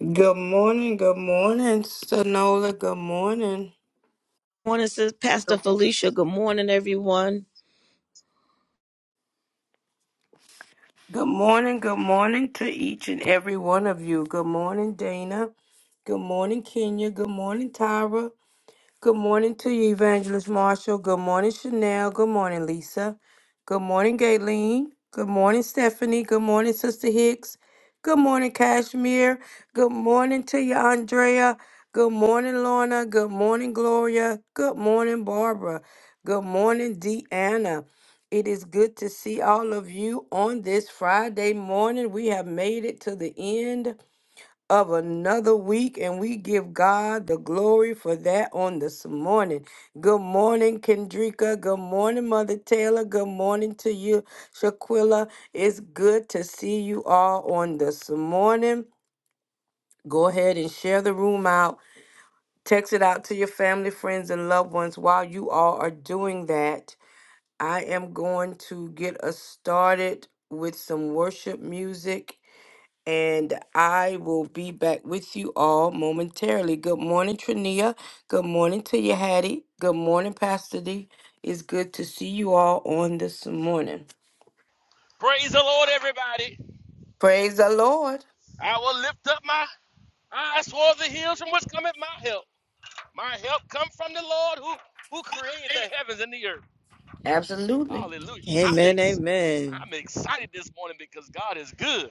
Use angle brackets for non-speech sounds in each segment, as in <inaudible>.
Good morning, good morning, Sonola. Good morning. morning, says Good Pastor morning, Felicia. Good morning, everyone. good morning good morning to each and every one of you. Good morning, Dana. Good morning, Kenya. Good morning, Tyra. Good morning to you, Evangelist Marshall. Good morning, Chanel. Good morning, Lisa. Good morning, Gayleen. Good morning, Stephanie. Good morning, Sister Hicks. Good morning, Kashmir. Good morning to you, Andrea. Good morning, Lorna. Good morning, Gloria. Good morning, Barbara. Good morning, Deanna. It is good to see all of you on this Friday morning. We have made it to the end of another week, and we give God the glory for that on this morning. Good morning, Kendrika. Good morning, Mother Taylor. Good morning to you, Shaquilla. It's good to see you all on this morning. Go ahead and share the room out. Text it out to your family, friends, and loved ones while you all are doing that. I am going to get us started with some worship music and I will be back with you all momentarily. Good morning, Trania. Good morning to you, Hattie. Good morning, Pastor D. It's good to see you all on this morning. Praise the Lord, everybody. Praise the Lord. I will lift up my eyes toward the hills from which cometh my help. My help come from the Lord who, who created the heavens and the earth. Absolutely. Hallelujah. I'm, Amen. ex- Amen. I'm excited this morning because God is good.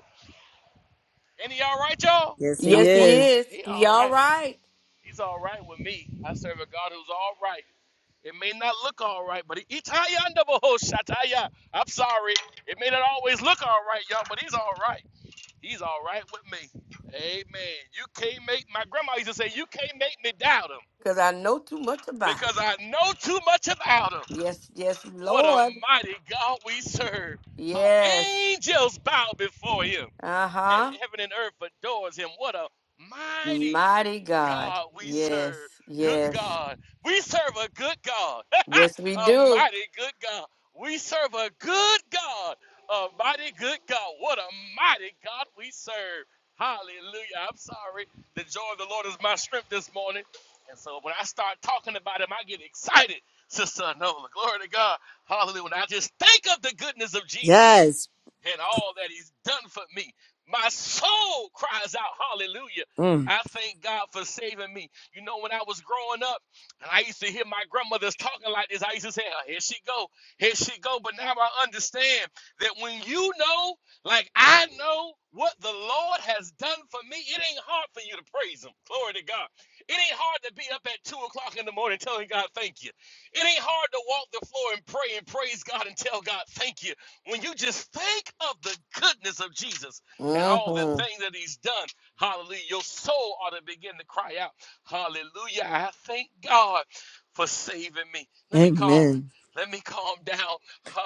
Ain't he all right, y'all? Yes, Y'all he Yes, he quiet. is. is. He He all all right. right. He's all right with me. I serve a God who's all right. It may not look all right, but he, Itaya ho, shataya. I'm sorry. It may not always look all right, y'all, but he's all right. He's all right with me. Amen. You can't make my grandma used to say, You can't make me doubt him Because I know too much about him. because I know too much about him. Yes, yes, What a Lord. mighty God we serve. How Yes. angels bow before him and Uh-huh. heaven and earth adores him. What a mighty Mighty God. God we Yes, serve. Good yes. God. We serve a good God. <laughs> Yes, we a do. mighty good God. We serve a good God. A mighty good God. What a mighty God we serve. Hallelujah. I'm sorry. The joy of the Lord is my strength this morning. And so when I start talking about him, I get excited, Sister Nola. Glory to God. Hallelujah. When I just think of the goodness of Jesus Yes. and all that he's done for me. My soul cries out, Hallelujah. Mm, I thank God for saving me. You know, when I was growing up, and I used to hear my grandmothers talking like this, I used to say, "Oh, here she go, here she go. But now I understand that when you know, like I know what the Lord has done for me, it ain't hard for you to praise him. Glory to God. It ain't hard to be up at two o'clock in the morning telling God thank you. It ain't hard to walk the floor and pray and praise God and tell God thank you. When you just think of the goodness of Jesus and all the Mm-hmm. things that he's done, hallelujah, your soul ought to begin to cry out, hallelujah, I thank God for saving me. Let me calm, amen. let me calm down,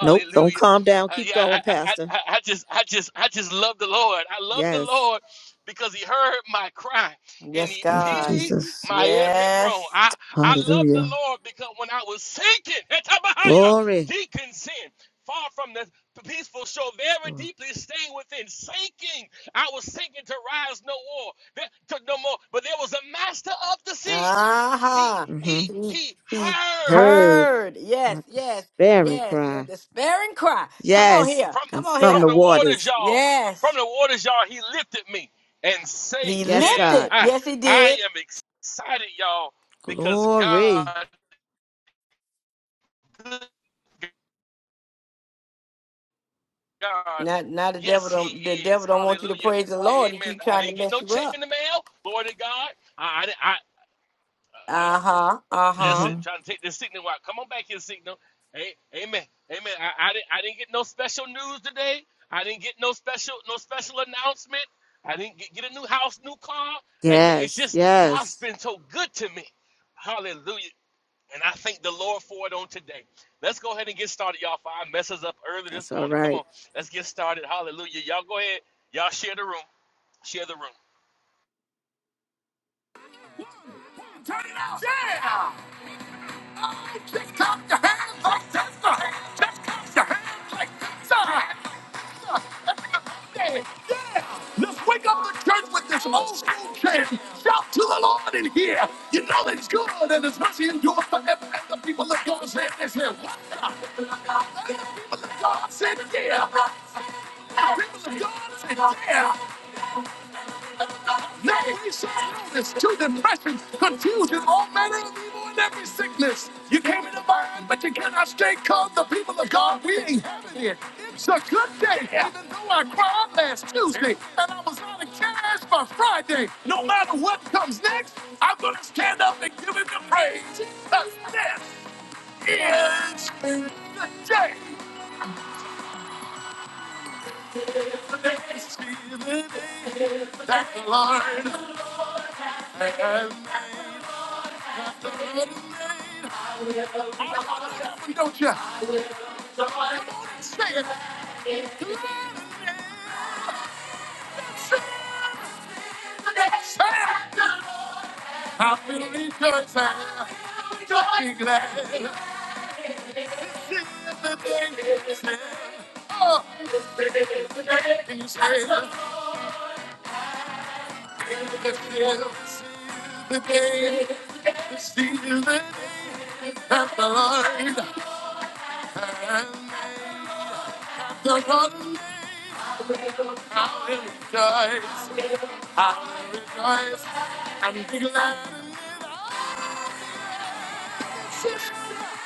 Nope. Don't calm down. Uh, Keep yeah, going, I, I, Pastor. I, I just, I just, I just love the Lord. I love the Yes. Lord because He heard my cry and Yes, He Thank you, God. pitied Jesus. my every groan. Yes. I, I love the Hallelujah. Lord because when I was sinking, <laughs> Etabahaya, Glory. deacon sin, far from the the peaceful show very Sure. deeply staying within, sinking. I was sinking to rise no more, there- to no more. But there was a master of the sea. He aha. Mm-hmm. he He, he he heard Heard heard. Yes, my yes, despairing yes. Your cry. despairing cry. Come on Yes. here. from Come And on from from here. the the waters, waters. y'all. From Yes. the waters, y'all. He lifted me, and safe He Yes, am God. lifted. I. Yes, he I did. am excited, y'all, because Glory. God, good God, Not now now the devil yes, He don't the is. devil don't want you to Hallelujah. praise the Lord. He Amen. keep I trying to didn't get no mess you check in up. the mail. Glory to God. I, I, I- Uh-huh. Uh-huh. Listen, hmm trying to take this signal out. Come on back here, signal. Hey, amen, amen. I, I didn't, I didn't get no special news today. I didn't get no special, no special announcement. I didn't get, get a new house, new car. Amen. It's Yes. just God's Yes. been so good to me. Hallelujah. And I thank the Lord for it on today. Let's go ahead and get started, y'all. For I mess us up early this That's all morning. right. Come on, let's get started. Hallelujah. Y'all go ahead. Y'all share the room. Share the room. Turn it off. Shut it off. Just clap your hands like this. Just clap your hands like this. Yeah. Let's wake up the church with this old school chant. Shout to the Lord in here. You know it's good and it's mercy endures forever. And the people of God say this here. The people of God say it here. The people of God say it here. Nay, he shall illness to depression, confusion, all manner of evil and every sickness. You came in the mind, but you cannot stay calm. The people of God, we ain't having it. It's a good day, even though I cried last Tuesday and I was out of cash by Friday. No matter what comes next, I'm going to stand up and give him the praise because this is the day that he's living That line. am made. God is made. I love him, don't you? Come on say it. I will rejoice and be glad in the things he said. Oh, can you say it? the day, the season that the Lord has The Lord I will rejoice. I will rejoice and be glad.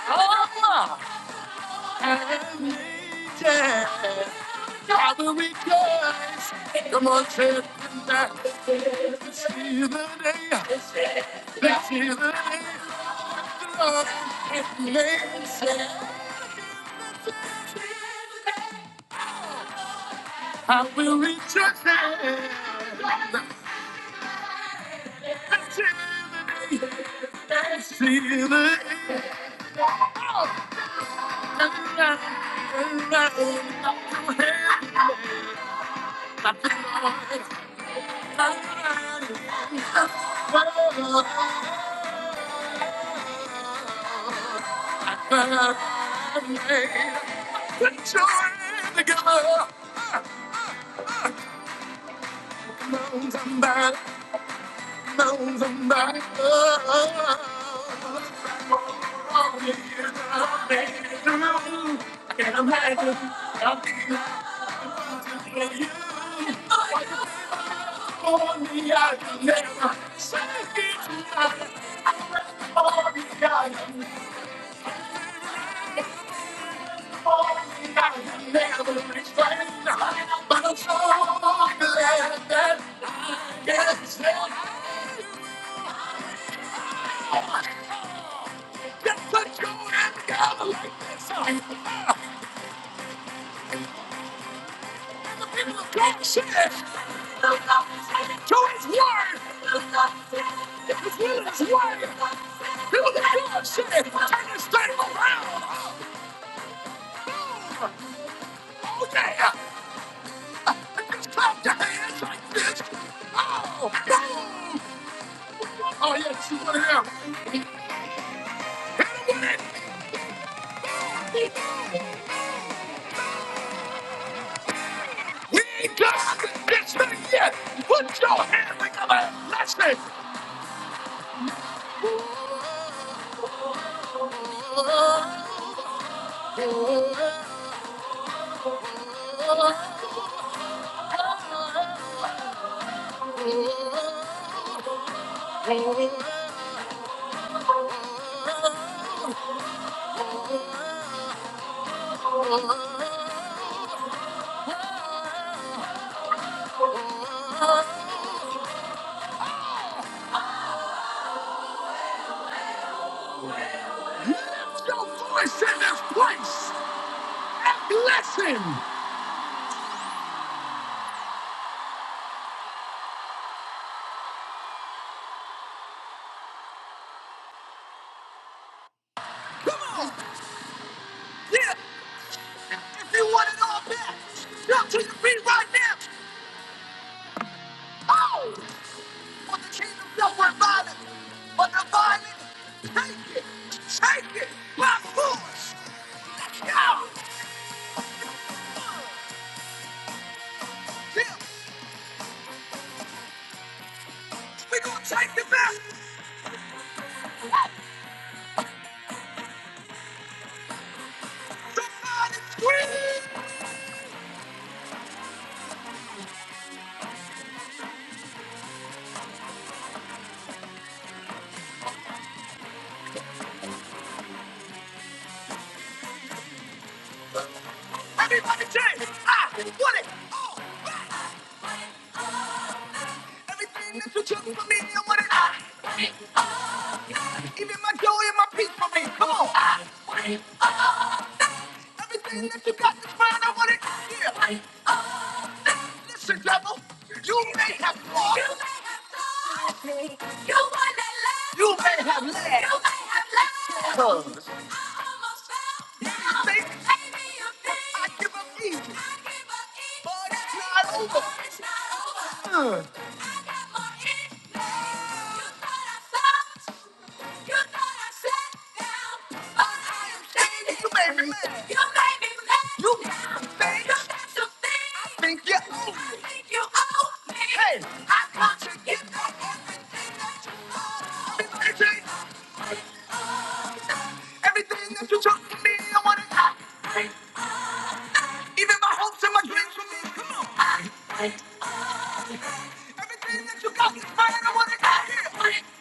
Oh, and yeah. I will rejoice. Come on, children. This is the day. This is the day of the Lord has made. Say, I will rejoice. This is the day. Oh, and around, and around, and around. I'm happy. I'm happy. for you. for me, I can never say it right. For me, I can, for me, I can never explain. But I'm so glad that I can say it. Just let go and go like this. The people of Yorkshire. Added to his word. If was really his word. People that don't Yorkshire Turn this thing around. Oh, oh yeah. Just clap your hands like this. Oh, boom. Oh, yeah, you want to hear. Hit him with it. We ain't done this thing yet. Put your hands together. Let's say, Lift your voice in this place and bless him. Come on. Yeah. If you want it all back, jump to your feet right now. Oh! For the kingdom not work violence, but the violent, take it. Take it by force. Let's go. Yeah. We're going to take the back. The violent scream. Everybody say, I want it all back. Everything that you took from me, I want it all. back! Even my joy and my peace for me. Come on. Ah, Everything that you got is mine. I want it. Yeah. I Ah, Listen, devil. You may have lost. You may have lost. You won that last. You may have led. You may have led. Cause now, you think maybe you think I give up easy. I give up easy. But it's not over. But It's not over. I got more in me. You thought I stopped. You thought I shut down. All I am saying is you made me mad. You made me mad. You got some things. You got some things. I think you owe me. I think you owe me. Hey. I come to get back everything that you owe. Everything everything that you took from me, I want it back. Even my hopes and my dreams from me. Come on. Everything that you got is mine. I want it back. Here.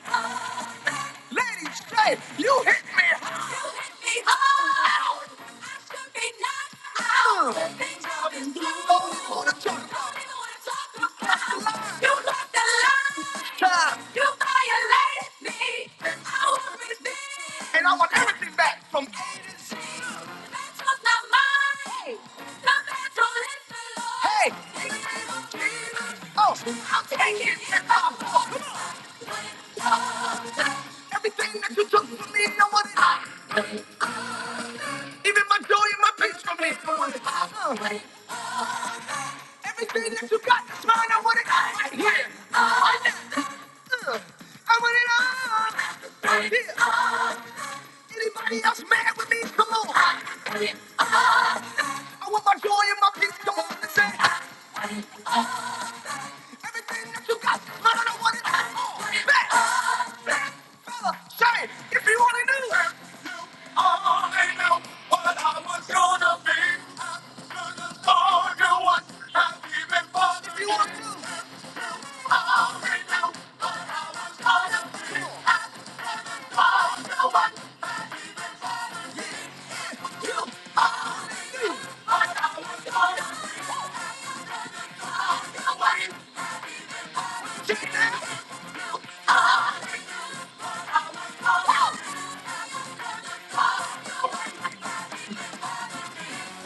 Lady Straight, you hit me hard. You hit me hard. I should be knocked out. The things I've been through, don't even wanna talk about. Don't even wanna talk about. You left the line. You violated me. I was resisting. And I want everything back from A to Z. The money, the mental health. Hey. In the name of Jesus. Oh, I'm taking it all. Come on. Everything that you took from me, I want it. all. Even my joy and my peace from this moment. Uh, Everything that you got this mind, I want it all. Yeah. Uh, I need- uh, I want it all. Yeah. Uh, Anybody else mad with me? Come on. Uh, I want my joy and my peace. Come on, let's say. Everything that you got, I don't know what it's for. Back, back, fella, say it if you wanna do it. I only know what I was gonna be. I could have told you what I'd be for If you want to, I already know you, the way you did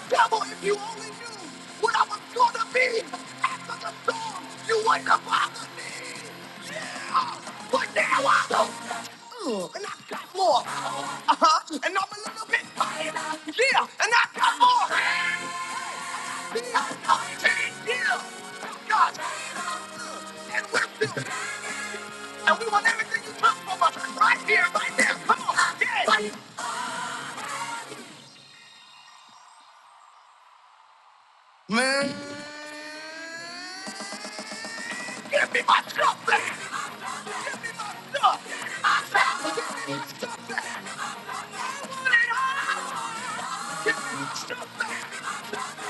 Devil, if you only knew what I was going to be after the storm, you wouldn't have bothered me. Yeah, but now I don't. Ugh, And I got more. Uh-huh. And I'm a little bit tired. Yeah, and I got more. Yeah, I can't give. God. And we're still and we want everything you took from us right here, right now. Come on, yeah. Man, give me my joy.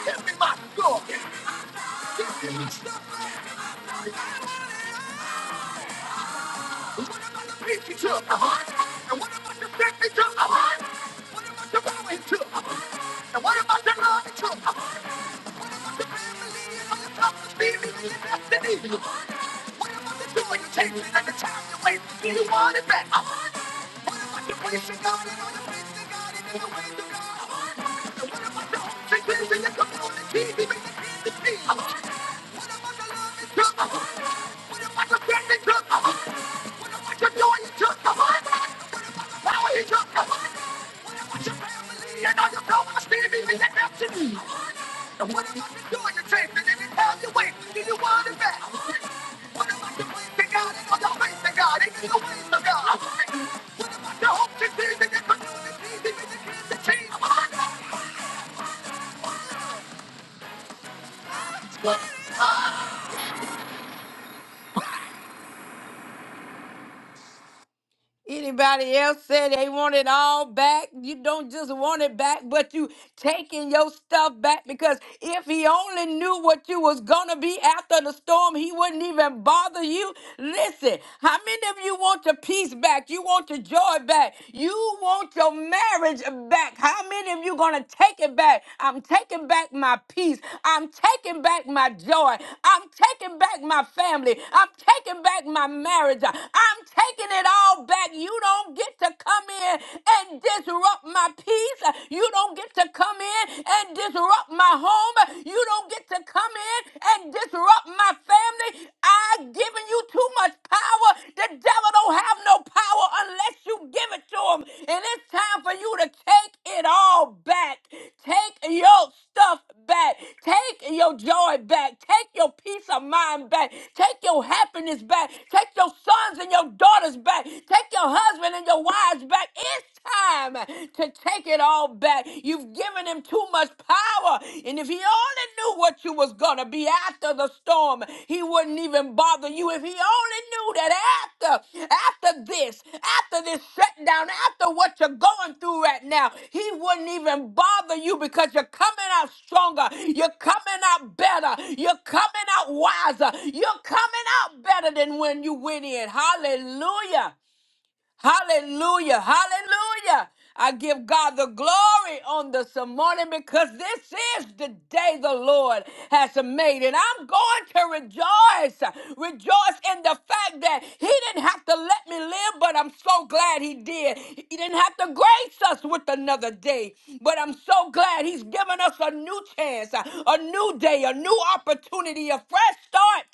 Every man, go. What about the peace he took? Uh-huh. And what about the faith he took? Uh-huh. What about the power he took? Uh-huh. And what about the love he took? Uh-huh. The family on the top of the feeling your destiny. Uh-huh. What about the joy you're taking and the time you waste to get you want it back? Uh-huh. What about the grace of God and all the freedom in the ways of God? Uh-huh. And what about the hopes and dreams in your community? Even the kids and teens. What about the faith he took? Uh-huh. What about the joy he took? Uh-huh. Power in your command with your family and all your problems, baby, and your destiny. And what am I doing? You're chasing and it's how you wait. Do you want it back? What am I doing to God? And all your ways to God. And your ways to God. What about your hopes and fears and your communities and your kids and teens? What? Anybody else say they want it all back? You don't just want it back, but you taking your stuff back because if he only knew what you was gonna be after the storm, he wouldn't even bother you. Listen, how many of you want your peace back? You want your joy back? You want your marriage back? How many of you gonna take it back? I'm taking back my peace. I'm taking back my joy. I'm taking back my family. I'm taking back my marriage. I'm taking it all back back. You don't get to come in and disrupt my peace. You don't get to come in and disrupt my home. You don't get to come in and disrupt my family. I've given you too much power. The devil don't have no power unless you give it to him. And it's time for you to take it all back. Take your stuff back. Take your joy back. Take your peace of mind back. Take your happiness back. Take your sons and your daughters back. Take your husband and your wives back. It's time to take it all back. You've given him too much power. And if he only knew what you was gonna be after the storm, he wouldn't even bother you. If he only knew that after after this, after this shutdown, after what you're going through right now, he wouldn't even bother you because you're coming out stronger, you're coming out better, you're coming out wiser, you're coming out better than when you went in. Hallelujah. Hallelujah. Hallelujah. I give God the glory on this morning because this is the day the Lord has made. And I'm going to rejoice. Rejoice in the fact that He didn't have to let me live, but I'm so glad He did. He didn't have to grace us with another day, but I'm so glad He's given us a new chance, a new day, a new new opportunity, a fresh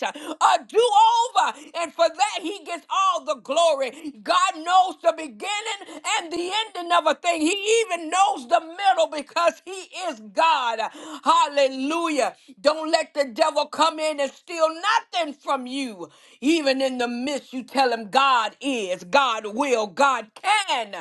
start, a do over. And for that, he gets all the glory. God knows the beginning and the ending of a thing, he even knows the middle because he is God. Hallelujah. Don't let the devil come in and steal nothing from you. Even in the midst, you tell him God is, God will, God can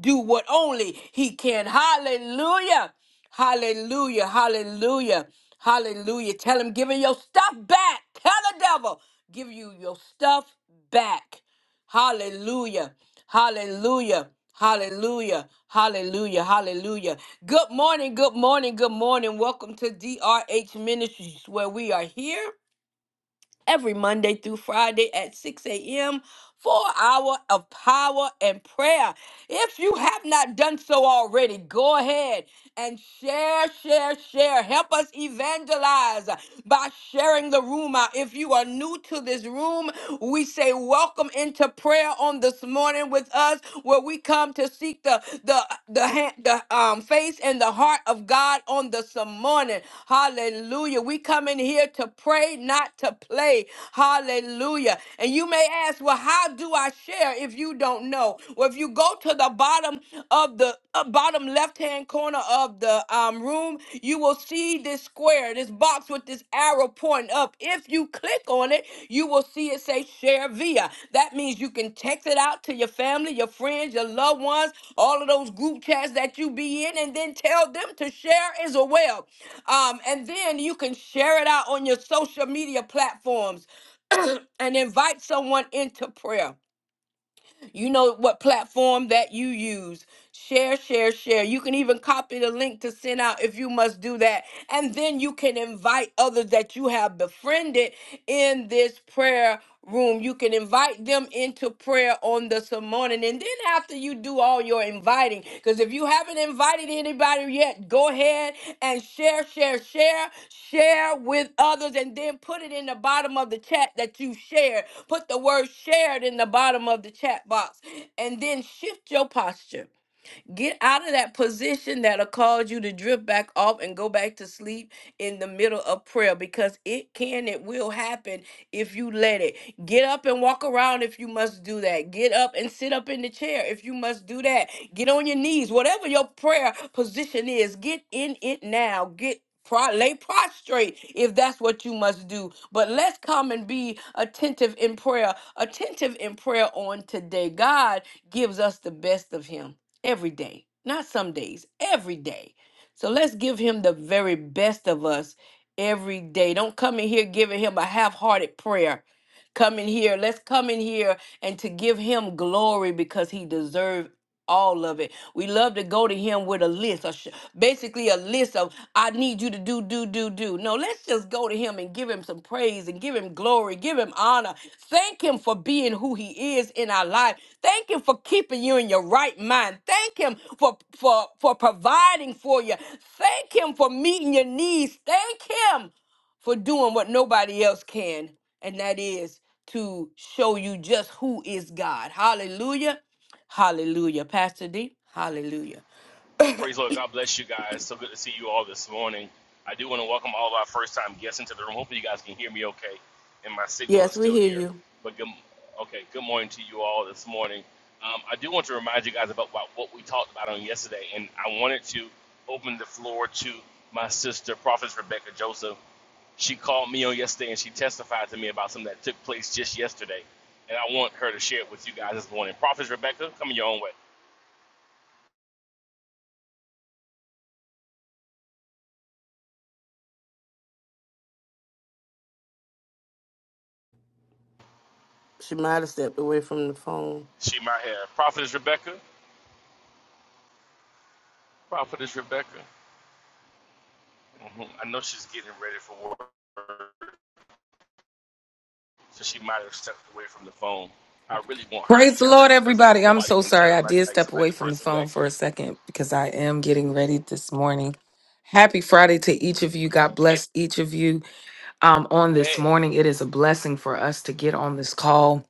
do what only he can. Hallelujah. Hallelujah. Hallelujah. Hallelujah. Tell him, give him your stuff back. Tell the devil, give you your stuff back. Hallelujah. Hallelujah. Hallelujah. Hallelujah. Hallelujah. Good morning. Good morning. Good morning. Welcome to DRH Ministries, where we are here every Monday through Friday at 6 a.m. for an hour of power and prayer. If you have not done so already, go ahead and share, share, share. Help us evangelize by sharing the room out. If you are new to this room, we say welcome into prayer on this morning with us, where we come to to seek the the the hand, the um face and the heart of God on this morning. Hallelujah. We come in here to pray, not to play. Hallelujah. And you may ask, well, how do I share if you don't know? Well, if you go to the bottom of the uh, bottom left hand corner of the um, room, you will see this square this box with this arrow pointing up. If you click on it, you will see it say share via. That means you can text it out to your family, your friends, your loved ones, all of those group chats that you be in, and then tell them to share as well. Um, and then you can share it out on your social media platforms <clears throat> and invite someone into prayer. You know what platform that you use. Share, share, share. You can even copy the link to send out if you must do that. And then you can invite others that you have befriended in this prayer room. You can invite them into prayer on this morning. And then after you do all your inviting. Because if you haven't invited anybody yet, go ahead and share, share, share, share with others, and then put it in the bottom of the chat that you shared. Put the word shared in the bottom of the chat box, and then shift your posture. Get out of that position that'll cause you to drift back off and go back to sleep in the middle of prayer because it can, it will happen if you let it. Get up and walk around if you must do that. Get up and sit up in the chair if you must do that. Get on your knees, whatever your prayer position is, get in it now. Get Pro- lay prostrate if that's what you must do. But let's come and be attentive in prayer. Attentive in prayer on today. God gives us the best of Him every day, not some days, every day. So let's give him the very best of us every day. Don't come in here giving him a half hearted prayer. Come in here. Let's come in here and to give him glory because he deserves all of it. We love to go to him with a list, a sh- basically a list of I need you to do do do do. No, Let's just go to him and give him some praise and give him glory, give him honor. Thank him for being who he is in our life. Thank him for keeping you in your right mind. Thank him for for for providing for you. Thank him for meeting your needs. Thank him for doing what nobody else can, and that is to show you just who is God. Hallelujah. Hallelujah. Pastor D. Hallelujah. Praise Lord. God bless you guys. So good to see you all this morning. I do want to welcome all of our first time guests into the room. Hopefully, you guys can hear me okay and my signal is Yes, we still hear here. you. But good, okay, good morning to you all this morning. Um, I do want to remind you guys about what, what we talked about on yesterday, and I wanted to open the floor to my sister, Prophet Rebecca Joseph. She called me on yesterday and she testified to me about something that took place just yesterday, and I want her to share it with you guys this morning. Prophet Rebecca, come your own way. She might have stepped away from the phone. She might have. Prophet Rebecca. Prophetess Rebecca. hmm I know she's getting ready for work, so she might have stepped away from the phone. I really want her to Praise the tell it Lord, because everybody. I'm nobody so can tell sorry. it I like did like step like away the from the person who phone actually for a second because I am getting ready this morning. Happy Friday to each of you. God it's bless each of you um, on this bad. morning. It is a blessing for us to get on this call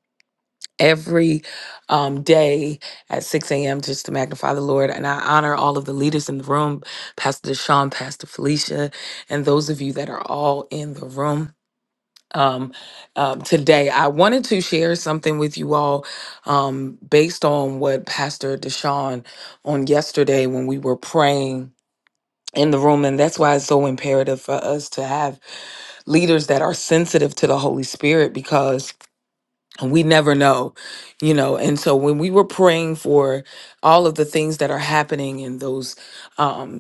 every um, day at 6 a.m. just to magnify the Lord. And I honor all of the leaders in the room Pastor Deshaun, Pastor Felicia, and those of you that are all in the room um, um, today. I wanted to share something with you all um, based on what Pastor Deshaun on yesterday when we were praying in the room. And that's why it's so imperative for us to have leaders that are sensitive to the Holy Spirit because we never know, you know. And so when we were praying for all of the things that are happening in those. um,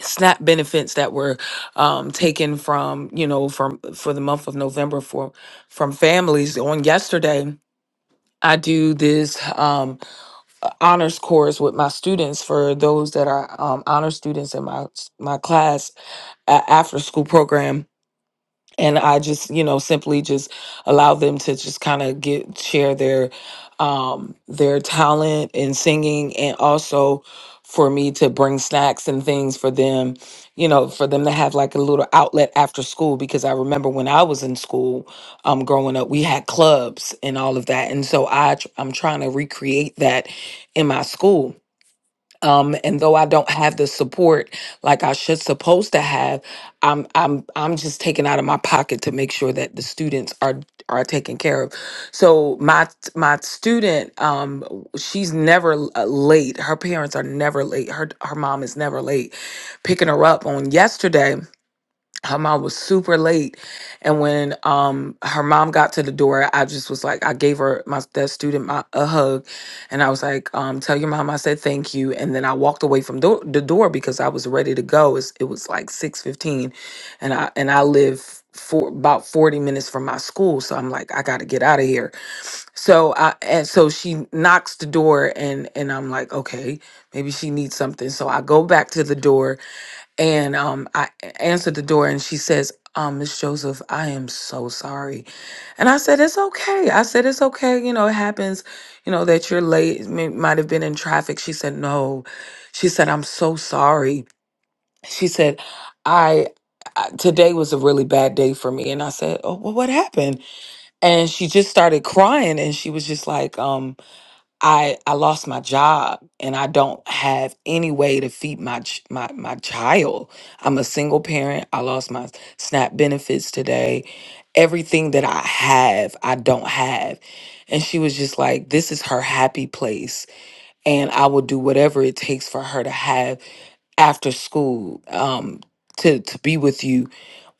SNAP benefits that were um, taken from you know from for the month of November for from families. On yesterday, I do this um, uh, honors course with my students for those that are um, honor students in my my class uh, after school program and I just, you know, simply just allow them to just kind of get share their um their talent in singing and also for me to bring snacks and things for them, you know, for them to have like a little outlet after school because I remember when I was in school um growing up, we had clubs and all of that. And so I tr- I'm trying to recreate that in my school um, and though I don't have the support like I should supposed to have, I'm I'm I'm just taking out of my pocket to make sure that the students are are taken care of. So my my student, um, she's never uh, late. Her parents are never late. Her her mom is never late. Picking her up on yesterday her mom was super late and when um her mom got to the door i just was like i gave her my that student my, a hug and i was like um tell your mom i said thank you and then i walked away from do- the door because i was ready to go it's, it was like 6.15 and i and i live for about 40 minutes from my school so i'm like i gotta get out of here so i and so she knocks the door and and i'm like okay maybe she needs something so i go back to the door and um, I answered the door and she says, um, Miss Joseph, I am so sorry. And I said, It's okay. I said, It's okay. You know, it happens, you know, that you're late, It may- might have been in traffic. She said, No. She said, I'm so sorry. She said, I, I today was a really bad day for me. And I said, Oh, well, what happened? And she just started crying and she was just like, um, I I lost my job and I don't have any way to feed my ch- my my child. I'm a single parent. I lost my SNAP benefits today. Everything that I have, I don't have. And she was just like, this is her happy place and I will do whatever it takes for her to have after school um to to be with you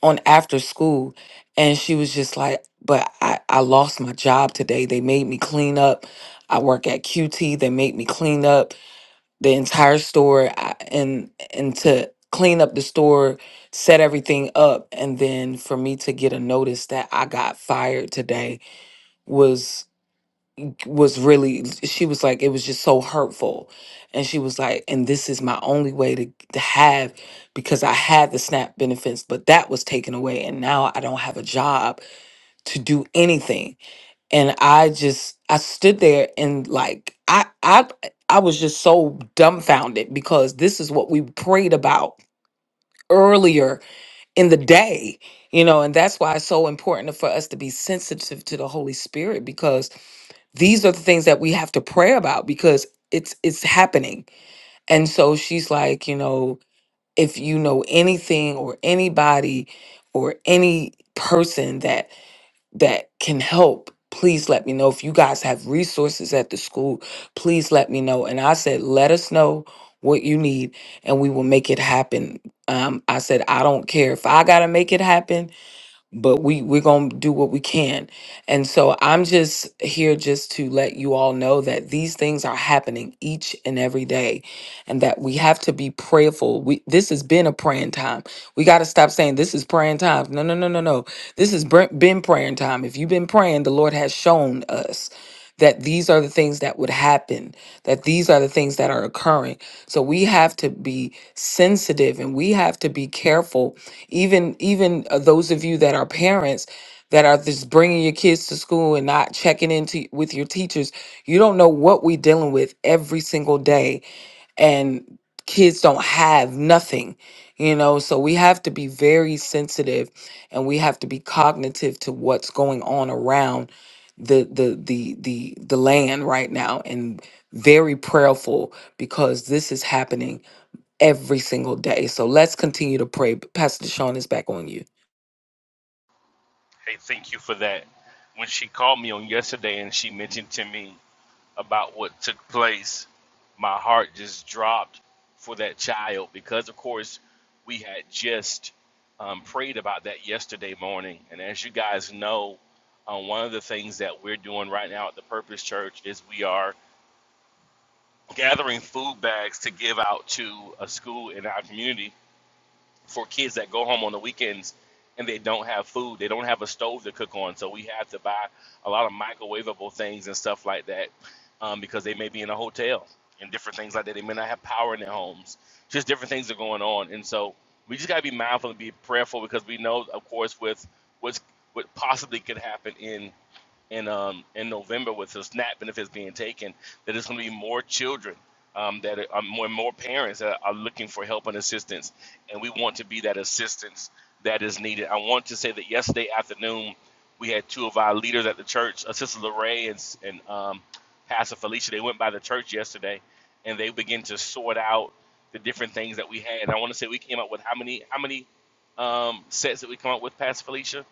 on after school and she was just like but I, I lost my job today they made me clean up i work at qt they made me clean up the entire store I, and and to clean up the store set everything up and then for me to get a notice that i got fired today was." was really she was like it was just so hurtful and she was like and this is my only way to, to have because i had the snap benefits but that was taken away and now i don't have a job to do anything and i just i stood there and like i i i was just so dumbfounded because this is what we prayed about earlier in the day you know and that's why it's so important for us to be sensitive to the holy spirit because these are the things that we have to pray about because it's it's happening and so she's like you know if you know anything or anybody or any person that that can help please let me know if you guys have resources at the school please let me know and i said let us know what you need and we will make it happen um, i said i don't care if i gotta make it happen but we we're going to do what we can. And so I'm just here just to let you all know that these things are happening each and every day and that we have to be prayerful. We this has been a praying time. We got to stop saying this is praying time. No, no, no, no, no. This has br- been praying time. If you've been praying, the Lord has shown us that these are the things that would happen, that these are the things that are occurring. So we have to be sensitive and we have to be careful even even uh, those of you that are parents that are just bringing your kids to school and not checking into with your teachers you don't know what we dealing with every single day and kids don't have nothing you know so we have to be very sensitive and we have to be cognitive to what's going on around the the the the the land right now and very prayerful because this is happening every single day. So let's continue to pray. Pastor Deshaun is back on you. Hey, thank you for that. When she called me on yesterday and she mentioned to me about what took place, my heart just dropped for that child because, of course, we had just um, prayed about that yesterday morning. And as you guys know, um, one of the things that we're doing right now at the Purpose Church is we are gathering food bags to give out to a school in our community for kids that go home on the weekends and they don't have food. They don't have a stove to cook on, so we have to buy a lot of microwavable things and stuff like that um, because they may be in a hotel and different things like that. They may not have power in their homes. Just different things are going on, and so we just gotta be mindful and be prayerful because we know, of course, with what's what possibly could happen in in um in November with the SNAP benefits being taken, that there's going to be more children um, that are, are more more parents that are looking for help and assistance, and we want to be that assistance that is needed. I want to say that yesterday afternoon we had two of our leaders at the church, uh, Sister Lorraine and, s- and um, Pastor Felicia. They went by the church yesterday, and they began to sort out the different things that we had. I want to say we came up with how many how many um, sets that we come up with, Pastor Felicia?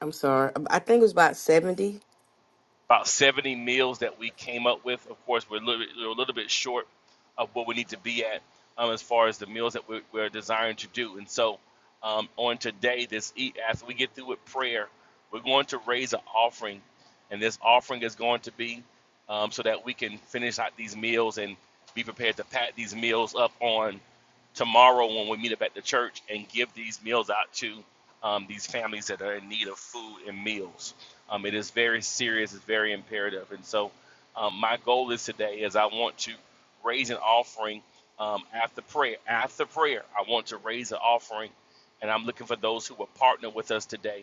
I'm sorry. I think it was about 70. about 70 meals that we came up with. Of course, we're a little, bit, we're a little bit short of what we need to be at um, as far as the meals that we're, we're desiring to do. And so, um, on today, this eat after we get through with prayer, we're going to raise an offering, and this offering is going to be um, so that we can finish out these meals and be prepared to pack these meals up on tomorrow when we meet up at the church and give these meals out to um, these families that are in need of food and meals. Um, it is very serious. It's very imperative. And so, um, my goal is today is I want to raise an offering um, after prayer. After prayer, I want to raise an offering, and I'm looking for those who will partner with us today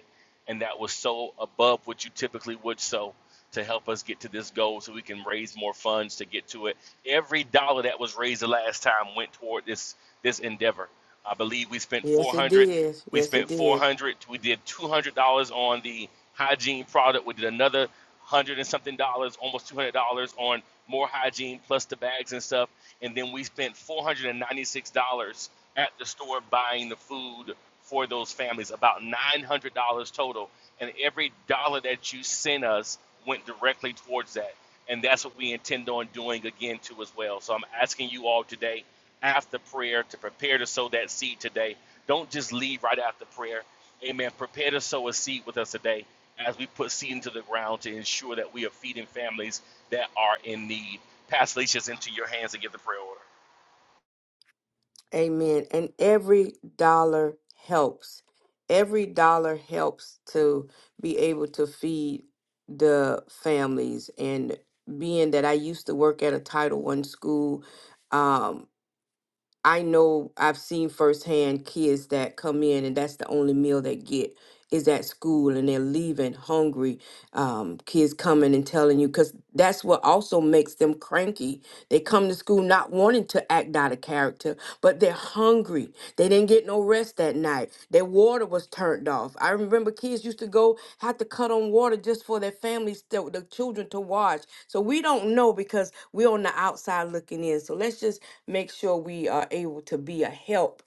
and that was so above what you typically would so to help us get to this goal so we can raise more funds to get to it. Every dollar that was raised the last time went toward this this endeavor. I believe we spent Yes, it 400 did. we Yes, it spent did. 400 we did $200 on the hygiene product we did another hundred and something dollars, almost two hundred dollars on more hygiene plus the bags and stuff, and then we spent four hundred and ninety six dollars at the store buying the food for those families, about nine hundred dollars total, and every dollar that you sent us went directly towards that, and that's what we intend on doing again too as well. So I'm asking you all today after prayer to prepare to sow that seed today. Don't just leave right after prayer Amen. Prepare to sow a seed with us today as we put seed into the ground to ensure that we are feeding families that are in need. Pass Leisha's into your hands and get the prayer order. Amen. And every dollar helps. Every dollar helps to be able to feed the families. And being that I used to work at a Title One school, um, I know I've seen firsthand kids that come in and that's the only meal they get is at school and they're leaving hungry. Um, kids coming and telling you because that's what also makes them cranky they come to school not wanting to act out of character, but they're hungry. They didn't get no rest that night. Their water was turned off. I remember kids used to go have to cut on water just for their families, to, the children to watch. So we don't know because we're on the outside looking in. So let's just make sure we are able to be a help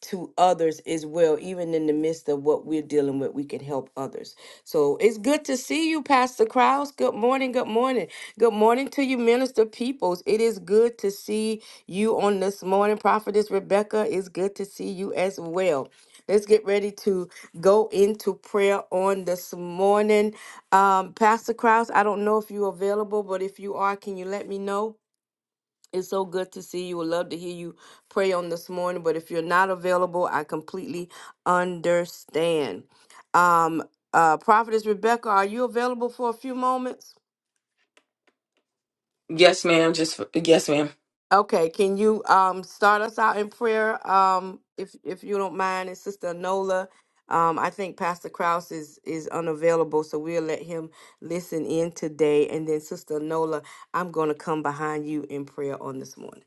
to others as well, even in the midst of what we're dealing with, we can help others. So it's good to see you, Pastor Krause. Good morning, good morning. Good morning to you, Minister Peoples. It is good to see you on this morning. Prophetess Rebecca, it's good to see you as well. Let's get ready to go into prayer on this morning. Um, Pastor Krause, I don't know if you're available, but if you are, can you let me know? It's so good to see you. Would love to hear you pray on this morning, but if you're not available, I completely understand. Um, uh, Prophetess Rebecca, are you available for a few moments? Yes, ma'am. Just yes, ma'am. Okay, can you um start us out in prayer? Um, if if you don't mind, and Sister Nola, um, I think Pastor Kraus is is unavailable, so we'll let him listen in today, and then Sister Nola, I'm gonna come behind you in prayer on this morning.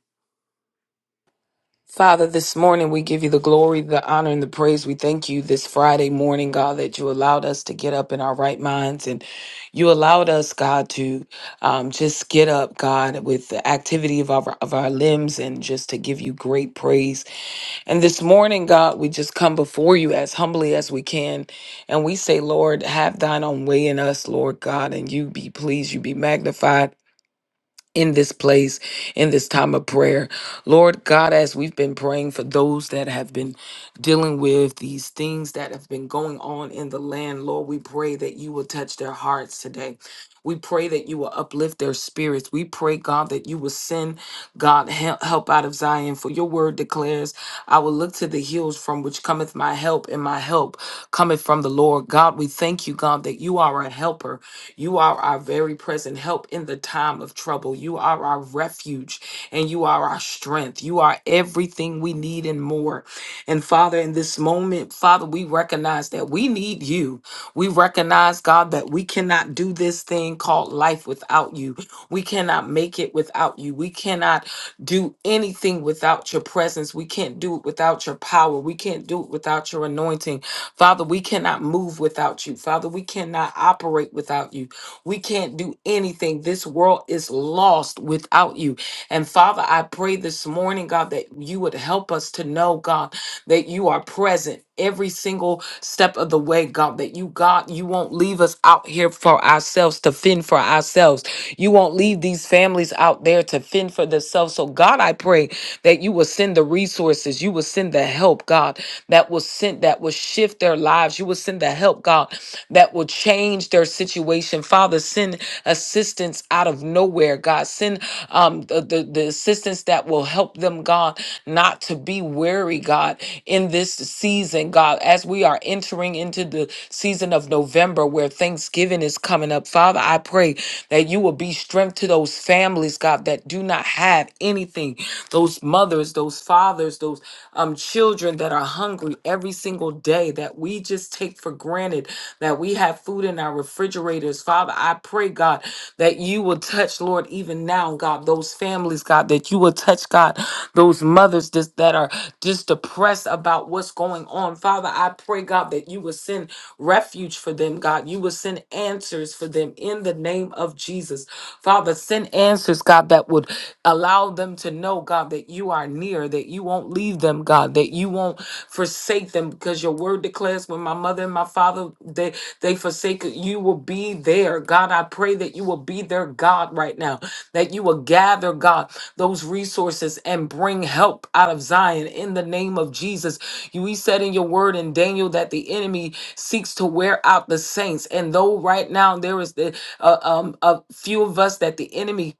Father, this morning we give you the glory, the honor, and the praise. We thank you this Friday morning, God, that you allowed us to get up in our right minds and you allowed us, God, to um, just get up, God, with the activity of our, of our limbs and just to give you great praise. And this morning, God, we just come before you as humbly as we can. And we say, Lord, have thine own way in us, Lord God, and you be pleased, you be magnified in this place, in this time of prayer. Lord God, as we've been praying for those that have been dealing with these things that have been going on in the land, Lord, we pray that you will touch their hearts today. We pray that you will uplift their spirits. We pray, God, that you will send, God, hel- help out of Zion. For your word declares, I will look to the hills from which cometh my help, and my help cometh from the Lord. God, we thank you, God, that you are a helper. You are our very present help in the time of trouble. You are our refuge and you are our strength. You are everything we need and more. And Father, in this moment, Father, we recognize that we need you. We recognize, God, that we cannot do this thing called life without you. We cannot make it without you. We cannot do anything without your presence. We can't do it without your power. We can't do it without your anointing. Father, we cannot move without you. Father, we cannot operate without you. We can't do anything. This world is lost without you. And Father, I pray this morning, God, that you would help us to know, God, that you are present every single step of the way, God, that you, God, you won't leave us out here for ourselves to fend for ourselves. You won't leave these families out there to fend for themselves. So, God, I pray that you will send the resources, you will send the help, God, that will send that will shift their lives. You will send the help, God, that will change their situation situation. Father, send assistance out of nowhere, God. Send um, the, the, the assistance that will help them, God, not to be weary, God, in this season, God, as we are entering into the season of November where Thanksgiving is coming up. Father, I pray that you will be strength to those families, God, that do not have anything. Those mothers, those fathers, those um, children that are hungry every single day that we just take for granted that we have food food in our refrigerators. Father, I pray, God, that you will touch, Lord, even now, God, those families, God, that you will touch, God, those mothers just, that are just depressed about what's going on. Father, I pray, God, that you will send refuge for them, God. You will send answers for them in the name of Jesus. Father, send answers, God, that would allow them to know, God, that you are near, that you won't leave them, God, that you won't forsake them, because your word declares when my mother and my father, they they forsake it. you will be there. God, I pray that you will be their God right now, that you will gather, God, those resources and bring help out of Zion in the name of Jesus. You he said in your word in Daniel that the enemy seeks to wear out the saints. And though right now there is the uh, um, a few of us that the enemy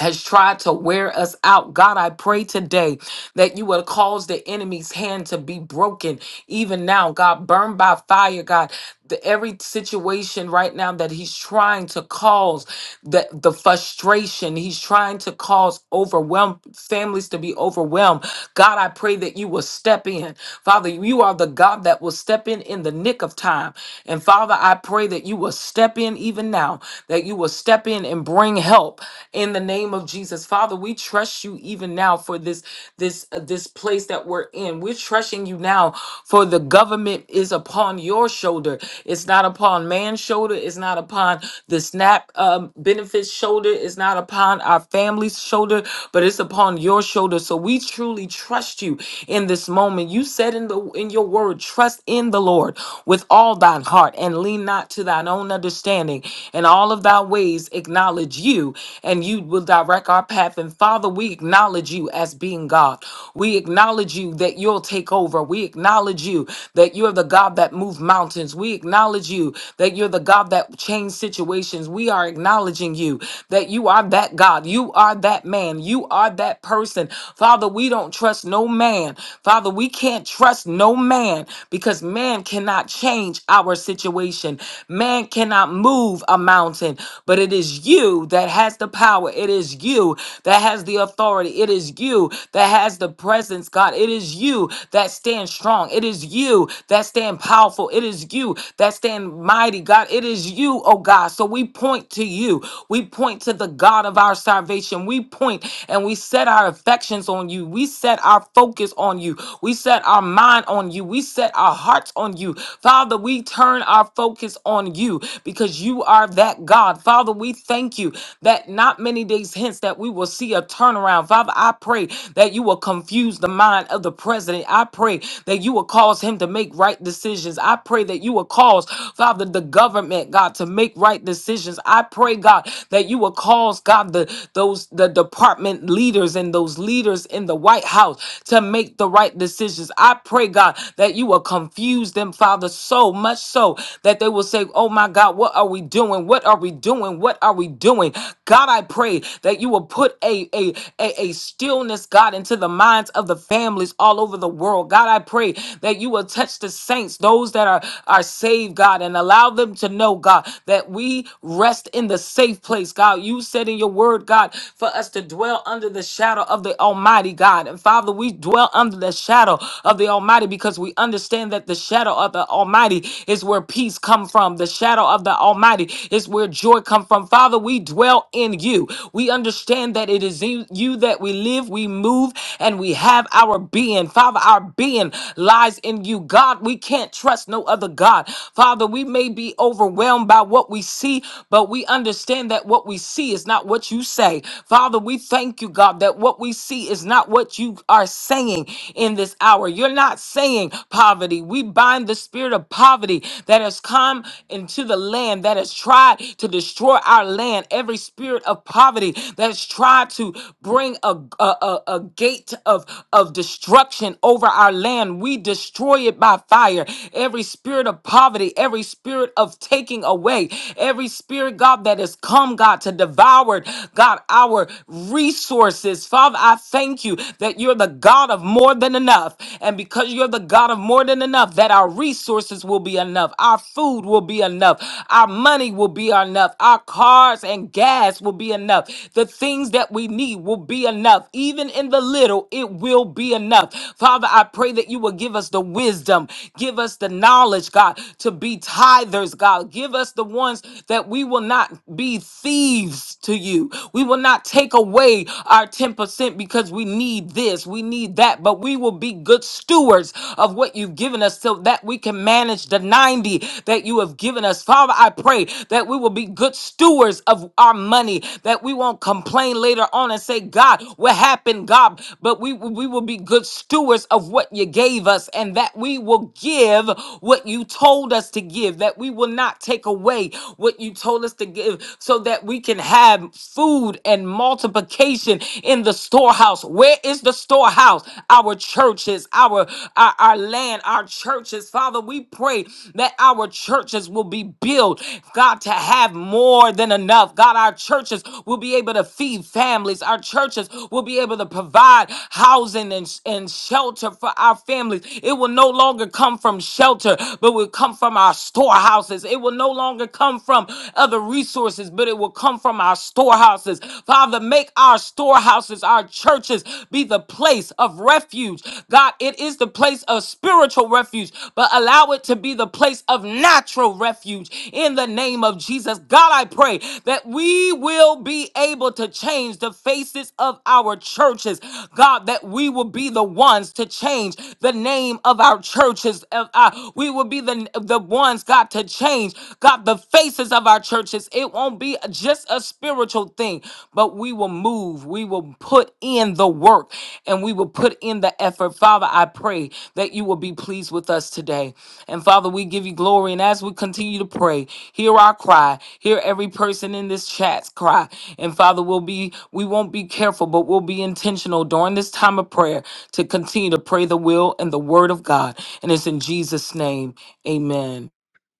has tried to wear us out. God, I pray today that you will cause the enemy's hand to be broken even now, God. Burn by fire, God. The, every situation right now that he's trying to cause the, the frustration, he's trying to cause overwhelm families to be overwhelmed. God, I pray that you will step in. Father, you are the God that will step in in the nick of time. And Father, I pray that you will step in even now, that you will step in and bring help in the name of Jesus. Father, we trust you even now for this this uh, this place that we're in. We're trusting you now for the government is upon your shoulder. It's not upon man's shoulder. It's not upon the SNAP um, benefits shoulder. It's not upon our family's shoulder, but it's upon your shoulder. So we truly trust you in this moment. You said in the in your word, trust in the Lord with all thine heart and lean not to thine own understanding. In all of thy ways acknowledge you, and you will direct our path. And Father, we acknowledge you as being being God. We acknowledge you that you'll take over. We acknowledge you that you're the God that moved mountains. We acknowledge you that you're the God that changed situations. We are acknowledging you that you are that God. You are that man. You are that person. Father, we don't trust no man. Father, we can't trust no man because man cannot change our situation. Man cannot move a mountain, but it is you that has the power. It is you that has the authority. It is you is you that has the presence, God. It is you that stand strong. It is you that stand powerful. It is you that stand mighty, God. It is you, oh God. So we point to you. We point to the God of our salvation. We point and we set our affections on you. We set our focus on you. We set our mind on you. We set our hearts on you. Father, we turn our focus on you because you are that God. Father, we thank you that not many days hence that we will see a turnaround. Father, I pray that you will confuse the mind of the president. I pray that you will cause him to make right decisions. I pray that you will cause, Father, the government, God, to make right decisions. I pray, God, that you will cause, God, the those the department leaders and those leaders in the White House to make the right decisions. I pray, God, that you will confuse them, Father, so much so that they will say, Oh my God, what are we doing? What are we doing? What are we doing? God, I pray that you will put a, a, a, a, a stillness, God, into the minds of the families all over the world. God, I pray that you will touch the saints, those that are, are saved, God, and allow them to know, God, that we rest in the safe place, God. You said in your word, God, for us to dwell under the shadow of the Almighty, God. And Father, we dwell under the shadow of the Almighty because we understand that the shadow of the Almighty is where peace come from. The shadow of the Almighty is where joy come from. Father, we dwell in you. We understand that it is you you that we live, we move, and we have our being. Father, our being lies in you. God, we can't trust no other God. Father, we may be overwhelmed by what we see, but we understand that what we see is not what you say. Father, we thank you, God, that what we see is not what you are saying in this hour. You're not saying poverty. We bind the spirit of poverty that has come into the land, that has tried to destroy our land. Every spirit of poverty that has tried to to bring a, a, a, a gate of, of destruction over our land. We destroy it by fire. Every spirit of poverty, every spirit of taking away, every spirit, God, that has come, God, to devour, God, our resources. Father, I thank you that you're the God of more than enough. And because you're the God of more than enough, that our resources will be enough, our food will be enough, our money will be enough, our cars and gas will be enough. The things that that we need will be enough. Even in the little, it will be enough. Father, I pray that you will give us the wisdom, give us the knowledge, God, to be tithers, God. Give us the ones that we will not be thieves to you. We will not take away our 10% because we need this, we need that, but we will be good stewards of what you've given us so that we can manage the 90 that you have given us. Father, I pray that we will be good stewards of our money, that we won't complain complain later on and say, God, what happened, God? But we, we will be good stewards of what you gave us and that we will give what you told us to give, that we will not take away what you told us to give so that we can have food and multiplication in the storehouse. Where is the storehouse? Our churches, our, our, our land, our churches. Father, we pray that our churches will be built, God, to have more than enough. God, our churches will be able able to feed families. Our churches will be able to provide housing and, and shelter for our families. It will no longer come from shelter, but will come from our storehouses. It will no longer come from other resources, but it will come from our storehouses. Father, make our storehouses, our churches, be the place of refuge. God, it is the place of spiritual refuge, but allow it to be the place of natural refuge in the name of Jesus. God, I pray that we will be be able to change the faces of our churches. God, that we will be the ones to change the name of our churches. of our- we will be the, the ones, God, to change, God, the faces of our churches. It won't be just a spiritual thing, but we will move. We will put in the work and we will put in the effort. Father, I pray that you will be pleased with us today. And Father, we give you glory. And as we continue to pray, hear our cry. Hear every person in this chat's cry. And Father, we'll be we won't be careful, but we'll be intentional during this time of prayer to continue to pray the will and the word of God. And it's in Jesus' name. Amen.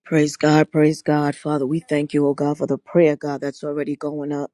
Praise God, praise God. Father, we thank you, oh God, for the prayer, God, that's already going up.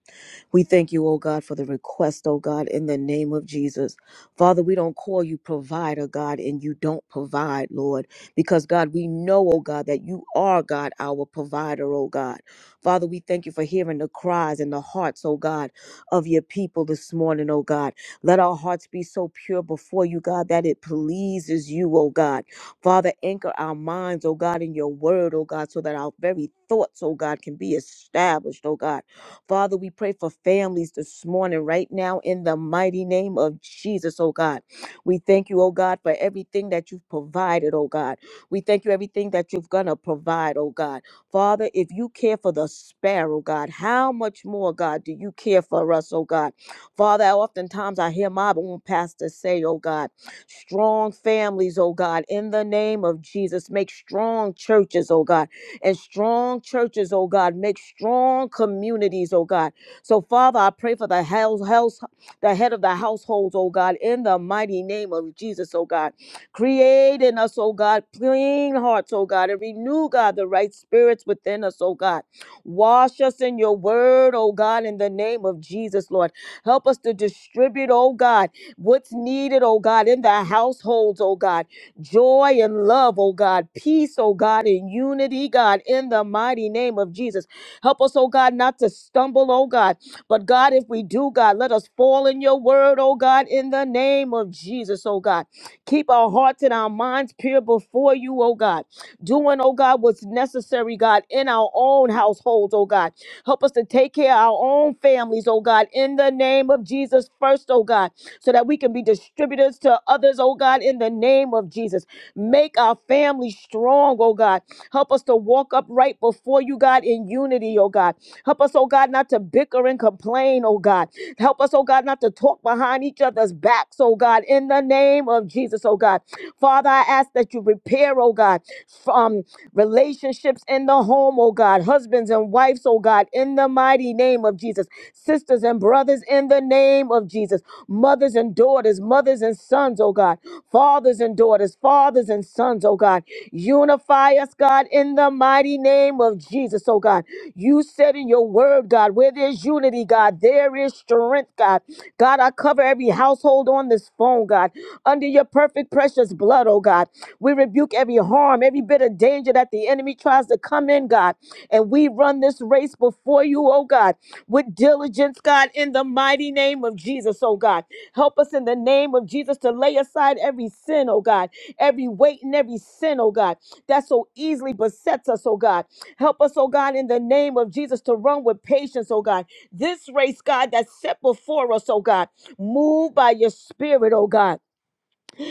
We thank you, oh God, for the request, oh God, in the name of Jesus. Father, we don't call you provider, God, and you don't provide, Lord, because God, we know, oh God, that you are, God, our provider, oh God. Father, we thank you for hearing the cries and the hearts, oh God, of your people this morning, oh God. Let our hearts be so pure before you, God, that it pleases you, oh God. Father, anchor our minds, oh God, in your word, oh God, so that our very thoughts, oh God, can be established, oh God. Father, we pray for families this morning, right now, in the mighty name of Jesus, oh God. We thank you, oh God, for everything that you've provided, oh God. We thank you everything that you're gonna provide, oh God. Father, if you care for the sparrow, God, how much more, God, do you care for us, oh God? Father, oftentimes I hear my own pastor say, oh God strong families, oh God, in the name of Jesus. Make strong churches, oh God, and strong churches, oh God, make strong communities, oh God. So, Father, I pray for the house, house the head of the households, oh God, in the mighty name of Jesus, oh God. Create in us, oh God, clean hearts, oh God, and renew, God, the right spirits within us, oh God. Wash us in your word, oh God, in the name of Jesus, Lord. Help us to distribute, oh God what's needed, oh God, in the households, oh God. Joy and love, oh God. Peace, oh God, and unity, God, in the mighty name of Jesus. Help us, oh God, not to stumble, oh God. But God, if we do, God, let us fall in your word, oh God, in the name of Jesus, oh God. Keep our hearts and our minds pure before you, oh God doing, oh God, what's necessary, God, in our own households, oh God. Help us to take care of our own families, oh God, in the name of Jesus first, oh God, so that we can be distributors to others, oh God, in the name of Jesus. Make our family strong, oh God. Help us to walk upright before you, God, in unity, oh God. Help us, oh God, not to bicker and complain, oh God. Help us, oh God, not to talk behind each other's backs, oh God, in the name of Jesus, oh God. Father, I ask that you repair, oh God, from relationships in the home, oh God, husbands and wives, oh God, in in the mighty name of Jesus. Sisters and brothers in the name of Jesus. Mothers and daughters, mothers and sons, oh God. Fathers and daughters, fathers and sons, oh God. Unify us, God, in the mighty name of Jesus, oh God. You said in your word, God, where there's unity, God, there is strength, God. God, I cover every household on this phone, God. God, under your perfect, precious blood, oh God. We rebuke every harm, every bit of danger that the enemy tries to come in, God. And we run this race before you, oh God, with diligence, God, in the mighty name of Jesus, oh God. Help us in the name of Jesus to lay aside every sin, oh God, every weight and every sin, oh God, that so easily besets us, oh God. Help us, oh God, in the name of Jesus to run with patience, oh God. This race, God, that's set before us, oh God. Move by your spirit, oh God.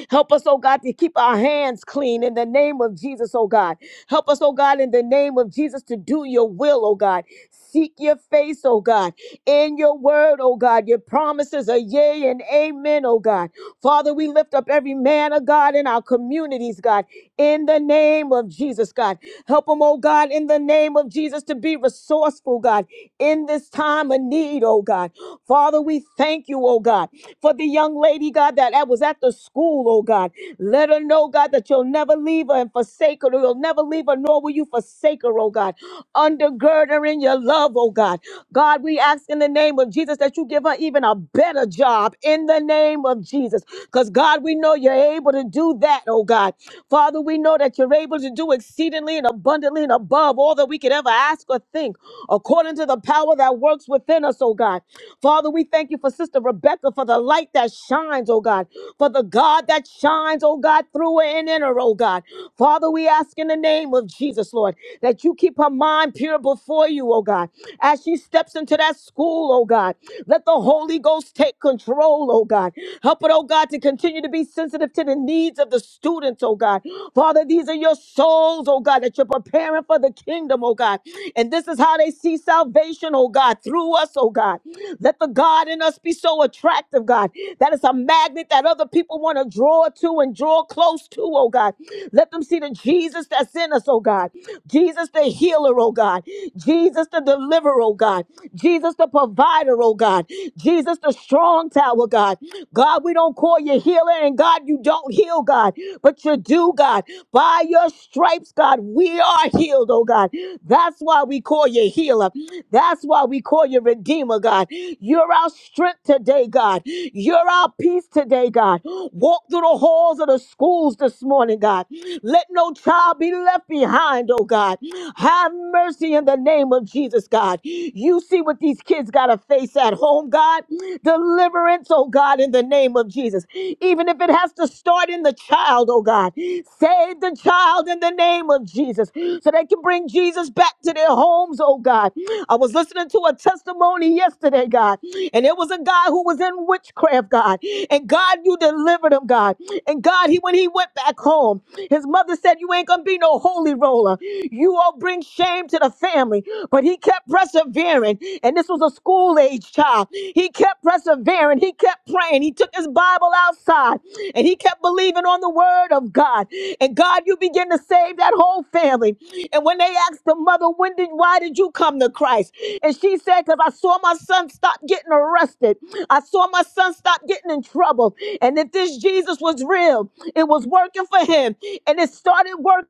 Help us, oh God, to keep our hands clean in the name of Jesus, oh God. Help us, oh God, in the name of Jesus to do your will, oh God. Seek your face, oh God, in your word, oh God. Your promises are yea and amen, oh God. Father, we lift up every man of God in our communities, God, in the name of Jesus, God. Help them, oh God, in the name of Jesus to be resourceful, God, in this time of need, oh God. Father, we thank you, oh God. For the young lady, God, that that was at the school, oh God, let her know, God, that you'll never leave her and forsake her. You'll never leave her, nor will you forsake her, oh God. Undergird her in your love, oh God. God, we ask in the name of Jesus that you give her even a better job in the name of Jesus. Because, God, we know you're able to do that, oh God. Father, we know that you're able to do exceedingly and abundantly and above all that we could ever ask or think, according to the power that works within us, oh God. Father, we thank you for Sister Rebecca, for the light that shines, oh God, for the God that shines, oh God, through her and in her, oh God. Father, we ask in the name of Jesus, Lord, that you keep her mind pure before you, oh God. God. As she steps into that school, oh God, let the Holy Ghost take control, oh God. Help it, oh God, to continue to be sensitive to the needs of the students, oh God. Father, these are your souls, oh God, that you're preparing for the kingdom, oh God. And this is how they see salvation, oh God, through us, oh God. Let the God in us be so attractive, God, that it's a magnet that other people want to draw to and draw close to, oh God. Let them see the Jesus that's in us, oh God. Jesus the healer, oh God. God. Jesus the deliverer, oh God. Jesus the provider, oh God. Jesus the strong tower, God. God, we don't call you healer, and God, you don't heal, God, but you do, God. By your stripes, God, we are healed, oh God. That's why we call you healer. That's why we call you redeemer, God. You're our strength today, God. You're our peace today, God. Walk through the halls of the schools this morning, God. Let no child be left behind, oh God. Have mercy in the name of Jesus, God. You see what these kids got to face at home, God. Deliverance, oh God, in the name of Jesus. Even if it has to start in the child, oh God. Save the child in the name of Jesus so they can bring Jesus back to their homes, oh God. I was listening to a testimony yesterday, God, and it was a guy who was in witchcraft, God. And God, you delivered him, God. And God, he when he went back home, his mother said, You ain't gonna be no holy roller soul. You all bring shame to the family, but he kept persevering. And this was a school age child. He kept persevering. He kept praying. He took his Bible outside and he kept believing on the word of God. And God, you begin to save that whole family. And when they asked the mother, when did, why did you come to Christ? And she said, because I saw my son stop getting arrested. I saw my son stop getting in trouble. And if this Jesus was real, it was working for him. And it started working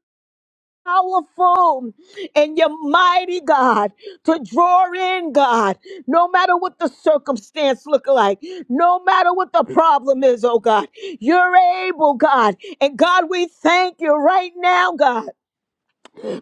powerful and you're mighty, God, to draw in, God, no matter what the circumstance look like, no matter what the problem is, oh God, you're able, God. And God, we thank you right now, God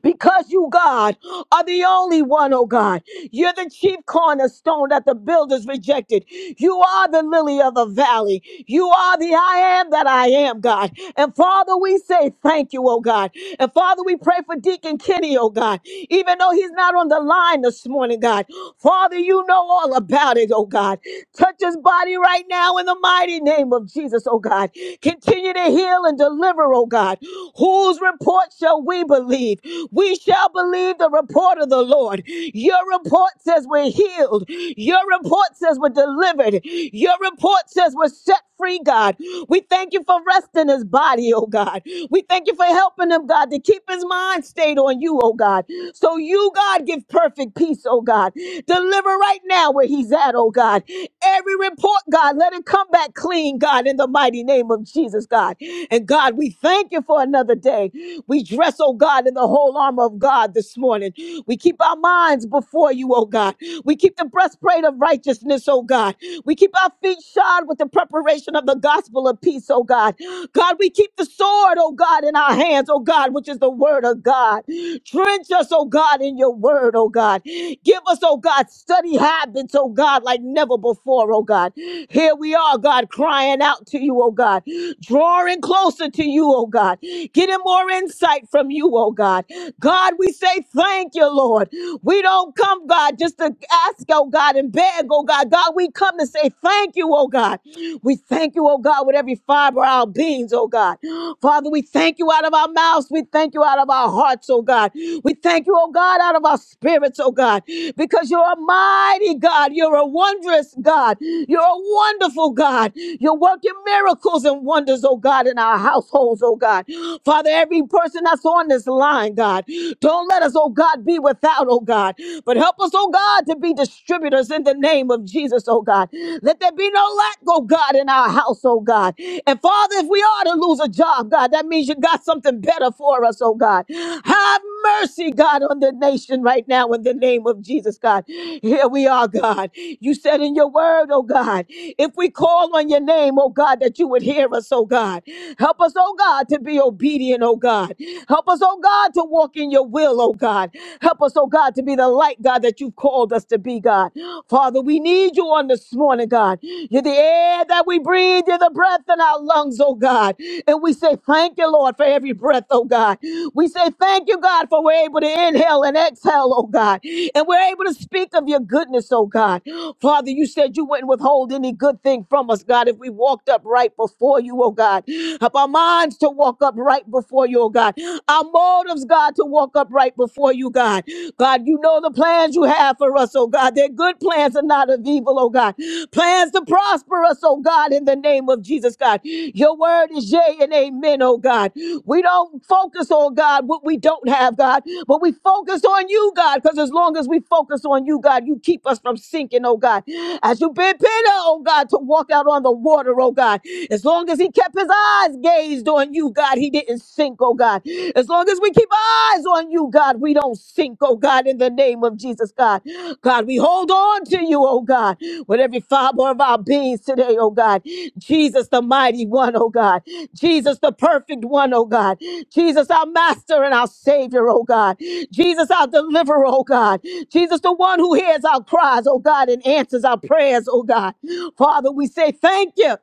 because you, God, are the only one, oh God. You're the chief cornerstone that the builders rejected. You are the lily of the valley. You are the I am that I am, God. And Father, we say thank you, oh God. And Father, we pray for Deacon Kenny, oh God, even though he's not on the line this morning, God. Father, you know all about it, oh God. Touch his body right now in the mighty name of Jesus, oh God. Continue to heal and deliver, oh God. Who's report shall we believe. We shall believe the report of the Lord. Your report says we're healed. Your report says we're delivered. Your report says we're set free, God. We thank you for resting his body, oh God. We thank you for helping him, God, to keep his mind stayed on you, oh God. So you, God, give perfect peace, oh God. Deliver right now where he's at, oh God. Every report, God, let it come back clean, God, in the mighty name of Jesus, God. And God, God, we thank you for another day. We dress, oh God, in the whole armor of God this morning. We keep our minds before you, oh God. We keep the breastplate of righteousness, oh God. We keep our feet shod with the preparation of the gospel of peace, oh God. God, we keep the sword, oh God, in our hands, oh God, which is the word of God. Drench us, oh God, in your word, oh God. Give us, oh God, study habits, oh God, like never before, oh God. Here we are, God, crying out to you, oh God oh God. Drawing closer to you, oh God. Getting more insight from you, oh God. God, we say thank you, Lord. We don't come, God, just to ask, oh God, and beg, oh God. God, we come to say thank you, oh God. We thank you, oh God, with every fiber of our beings, oh God. Father, we thank you out of our mouths. We thank you out of our hearts, oh God. We thank you, oh God, out of our spirits, oh God, because you're a mighty God. You're a wondrous God. You're a wonderful oh God. You're working miracles and wonders, oh God, in our households, oh God. Father, every person that's on this line, God, don't let us, oh God, be without, oh God, but help us, oh God, to be distributors in the name of Jesus, oh God. Let there be no lack, oh God, in our house, oh God. And Father, if we are to lose a job, God, that means you got something better for us, oh God. Have mercy, God, on the nation right now in the name of Jesus, God. Here we are, God. You said in your your word, oh God. If we call on your name, oh God, that you would hear us, oh God. Help us, oh God, to be obedient, oh God. Help us, oh God, to walk in your will, oh God. Help us, oh God, to be the light, God, that you've called us to be, God. Father, we need you on this morning, God. You're the air that we breathe, you're the breath in our lungs, oh God. And we say thank you, Lord, for every breath, oh God. We say thank you, God, for we're able to inhale and exhale, oh God. And we're able to speak of your goodness goodness, oh God. <gasps> Father, you said you wouldn't withhold any good thing from us, God, if we walked up right before you, oh God. Help our minds to walk up right before you, oh God. Our motives, God, to walk up right before you, God. God, you know the plans you have for us, oh God. They're good plans and not of evil, oh God. Plans to prosper us, oh God, in the name of Jesus, God. Your word is yea and amen, oh God. We don't focus on God what we don't have, God, but we focus on you, God, because as long as long as we focus on you, God, you keep us from sinking, oh God. As you bid Peter, oh God, to walk out on the water, oh God. As long as he kept his eyes gazed on you, God, he didn't sink, oh God. As long as we keep eyes on you, God, we don't sink, oh God, in the name of Jesus, God. God, we hold on to you, oh God, with every fiber of our beings today, oh God. Jesus, the mighty one, oh God. Jesus, the perfect one, oh God. Jesus, our master and our savior, oh God. Jesus, our deliverer, oh God. Jesus, the one who hears our cries, oh God, and answers our prayers, oh God. Father, we say thank you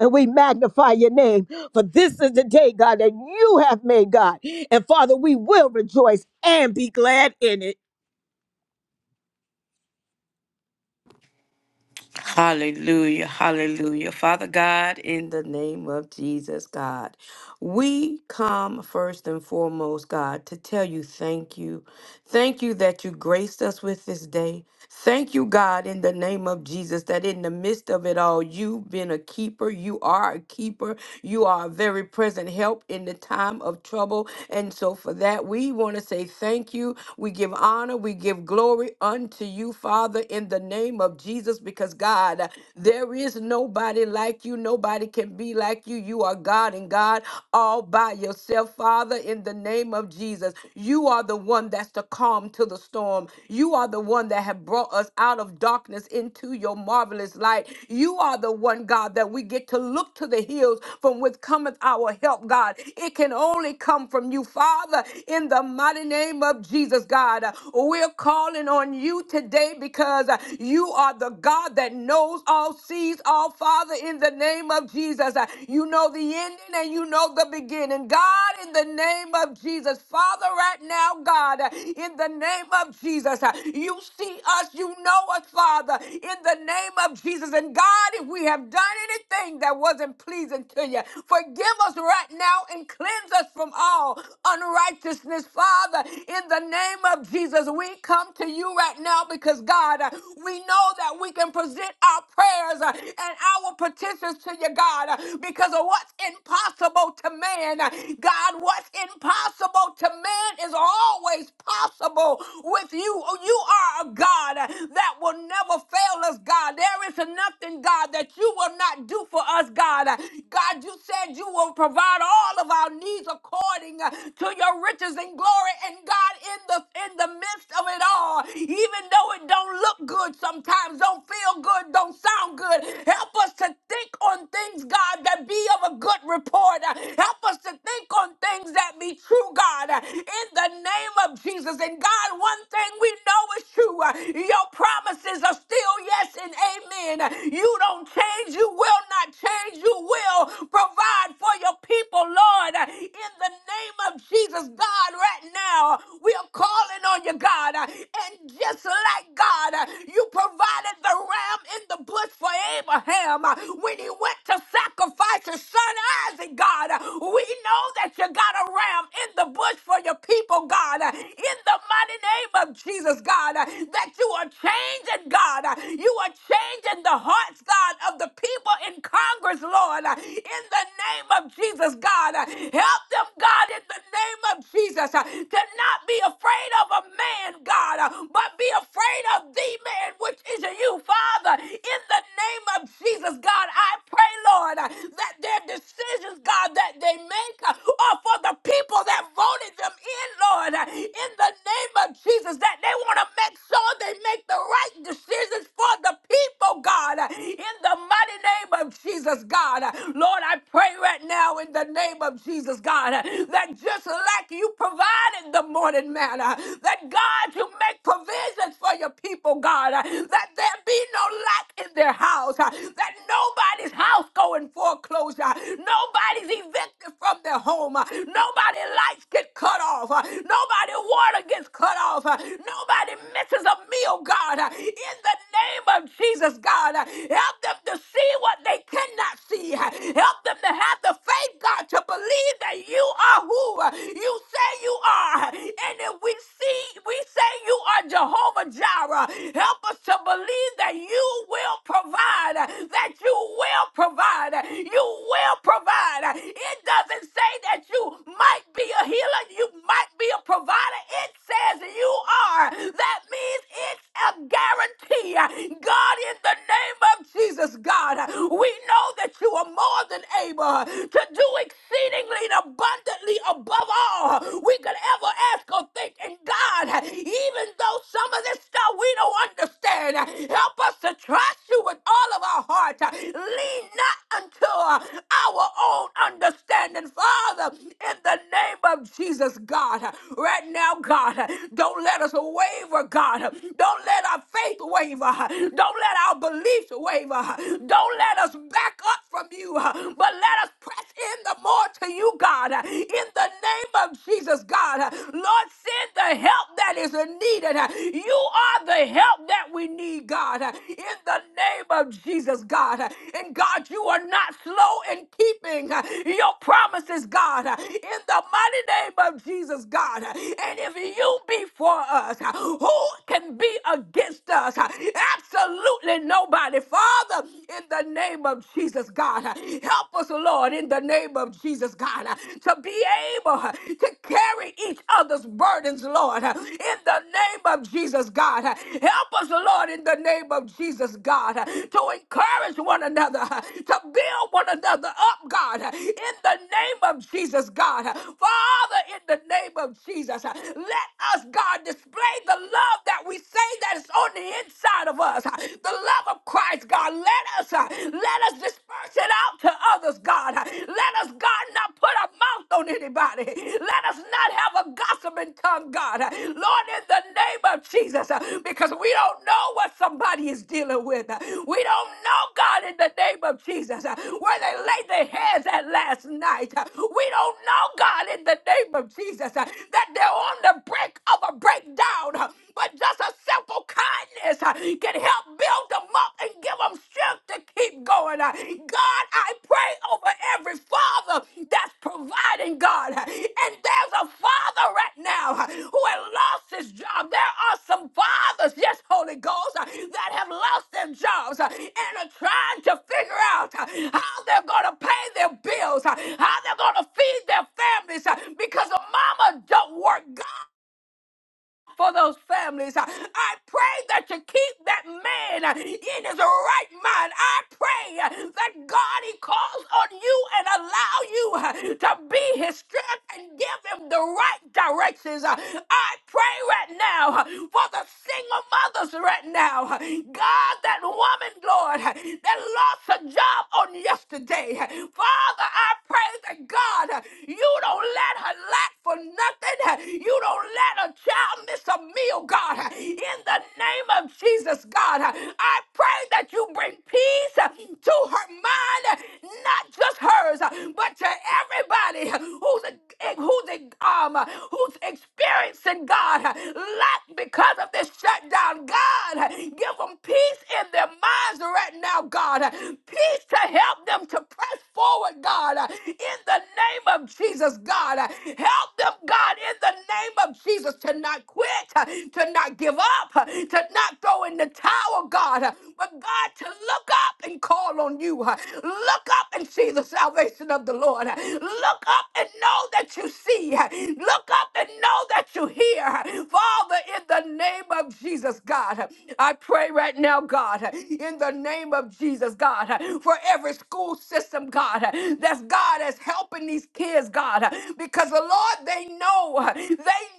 and we magnify your name. For this is the day, God, that you have made, God. And Father, we will rejoice and be glad in it. Hallelujah, hallelujah. Father God, in the name of Jesus, God, we come first and foremost, God, to tell you thank you. Thank you that you graced us with this day. Thank you, God, in the name of Jesus, that in the midst of it all, you've been a keeper. You are a keeper. You are a very present help in the time of trouble. And so, for that, we want to say thank you. We give honor, we give glory unto you, Father, in the the name of Jesus because God, there is nobody like you. Nobody can be like you. You are God and God all by yourself, Father, in the name of Jesus. You are the one that's the calm to the storm. You are the one that have brought us out of darkness into your marvelous light. You are the one, God, that we get to look to the hills from which cometh our help, God. It can only come from you, Father, in the mighty name of Jesus, God. We're calling on you you today because uh, you are the God that knows all, sees all, Father, in the name of Jesus. Uh, You know the ending and you know the beginning. God, in the name of Jesus, Father, right now, God, uh, in the name of Jesus, uh, you see us, you know us, Father, in the name of Jesus. And God, if we have done anything that wasn't pleasing to you, forgive us right now and cleanse us from all unrighteousness, Father, in the name of Jesus. Jesus, we come to you right now because, God, uh, we know that we can present our prayers uh, and our petitions to you, God, uh, because of what's impossible to man. Uh, God, what's impossible to man is always possible with you. You are a God uh, that will never fail us, God. There is nothing, God, that you will not do for us, God. Uh, God, you said you will provide all of our needs according uh, to your riches and glory and. God in the in the midst of it all, even though it don't look good sometimes, don't feel good, don't sound good. Help us to think on things, God, that be of a good report. Help us to think on things that be true, God, in the name of Jesus. And God, one thing we know is true. Your promises are still yes and amen. You don't change, you will not change, you will provide for your people, Lord, in the name of Jesus. Jesus, God, right now, we are calling on you, God. And just like God, you provided the ram in the bush for Abraham when he went to sacrifice his son Isaac, God. We know that you got a ram in the bush for your people, God. In the mighty name of Jesus, God, that you are changing, God. You are changing the hearts, God, of the people people in Congress, Lord, uh, in the name of Jesus, God. Uh, Help them, God, in the name of Jesus, uh, to not be afraid of a man, God, uh, but be afraid of the man, which is you, Father. In the name of Jesus, God, I pray, Lord, uh, that their decisions, God, that they make uh, are for the people that voted them in, Lord. Uh, In the name of Jesus, that they want to make sure they make the right decisions for the people people, God, in the mighty name of Jesus, God. Lord, I pray right now in the name of Jesus, God, that just like you provided the morning manna, that God, you make provisions for your people, God, that there be no lack in their house, that nobody's house go in foreclosure, nobody's evicted from their home, nobody lights get cut off, nobody water gets cut off, nobody misses a meal, God, in the name name of Jesus, God. Uh, Help them to see what they cannot see. Uh, Help them to have the faith, God, to believe that you are who uh, you say you are. And if we see, we say you are Jehovah Jireh. Help us to believe that you will provide, uh, that you will provide, uh, you will provide. Uh, It doesn't say that you might be a healer, you might be a provider. It says you are. That means it's a guarantee guarantee, uh, God, in the name of Jesus, God, uh, we know that you are more than able uh, to do exceedingly and abundantly above all uh, we could ever ask or think. And God, uh, even though some of this stuff we don't understand, uh, help us to trust you with all of our heart. uh, Lean not unto uh, our own understanding, Father, in the name of Jesus, God. uh, Right now, God, uh, don't let us waver, God. Don't let don't let our faith waver. Don't let our beliefs waver. Don't let us back up from you, but let us press in the more to you, God. In the name of Jesus, God. Lord, send the help that is needed. You are the help that we need, God. In the name of Jesus, God. And God, you are not slow in keeping your promises, God. In the mighty name of Jesus, God. And if you be for us, who can be against us? Absolutely nobody. Father, in the name of Jesus, God, help us, Lord, in the name of Jesus, God, to be able to carry each other's burdens, Lord, in the name of Jesus, God. Help us, Lord, in the name of Jesus, God, to encourage one another, to build one another up, God, in the name of Jesus, God. Father, in the name of Jesus, let us, God, display may the love that we say that is on the inside of us, uh, the love of Christ, God, let us uh, let us disperse it out to others, God. Uh, Let us, God, not put a mouth on anybody. Let us not have a gossiping tongue, God. Uh, Lord, in the name of Jesus, uh, because we don't know what somebody is dealing with. Uh, We don't know, God, in the name of Jesus, uh, where they laid their hands at last night. Uh, We don't know, God, in the name of Jesus, uh, that they're on the brink of a or break down, uh, but just a simple kindness uh, can help build them up and give them strength to keep going. Uh, God, I pray over every father that's providing, God. uh, And there's a father right now uh, who has lost his job. There are some fathers, yes, Holy Ghost, uh, that have lost their jobs uh, and are trying to figure out uh, how they're going to pay their bills, uh, how they're going to feed their families uh, because the mama don't work. God, for those families. Uh, I pray that you keep that man uh, in his right mind. I pray uh, that God, he calls on you and allow you uh, to be his strength and give him the right directions. Uh, I pray right now uh, for the single mothers right now. Uh, God, that woman, Lord, uh, that lost her job on yesterday. Uh, Father, I pray that God, uh, you don't let her lack for for nothing. You don't let a child miss a meal, God. In the name of Jesus, God, I pray that you bring peace to her mind, not just hers, but to everybody who's who's um who's experiencing God lack because of this shutdown. God, give them peace in their minds right now, God. Peace to help them to press forward, God. In the name of Jesus, God. Help them, God, in the name of Jesus, to not quit, to not give up, to not throw in the towel, God, but God, to look up and call on you. Look up and see the salvation of the Lord. Look up and know that you see. Look up and know that you hear. Father, in the name of Jesus, God, I pray right now, God, in the name of Jesus, God, for every every school system, God, uh, that's God is helping these kids, God, uh, because the Lord, they know, uh, they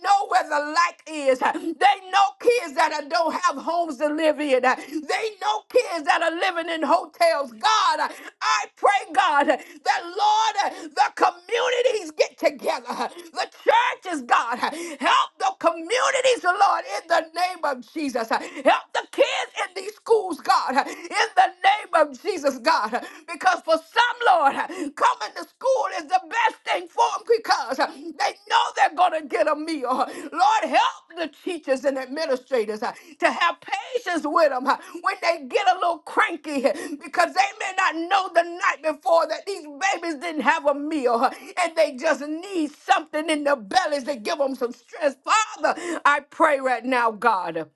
know where the lack is. uh, They know kids that uh, don't have homes to live in. uh, They know kids that are living in hotels. God, uh, I pray, God, uh, that Lord, uh, the communities get together. uh, The churches, God, uh, help the communities, Lord, in the name of Jesus. uh, Help the kids in these schools, God. God, in the name of Jesus, God, because for some, Lord, coming to school is the best thing for them because they know they're going to get a meal. Lord, help the teachers and administrators uh, to have patience with them uh, when they get a little cranky uh, because they may not know the night before that these babies didn't have a meal uh, and they just need something in their bellies to give them some strength. Father, I pray right now, God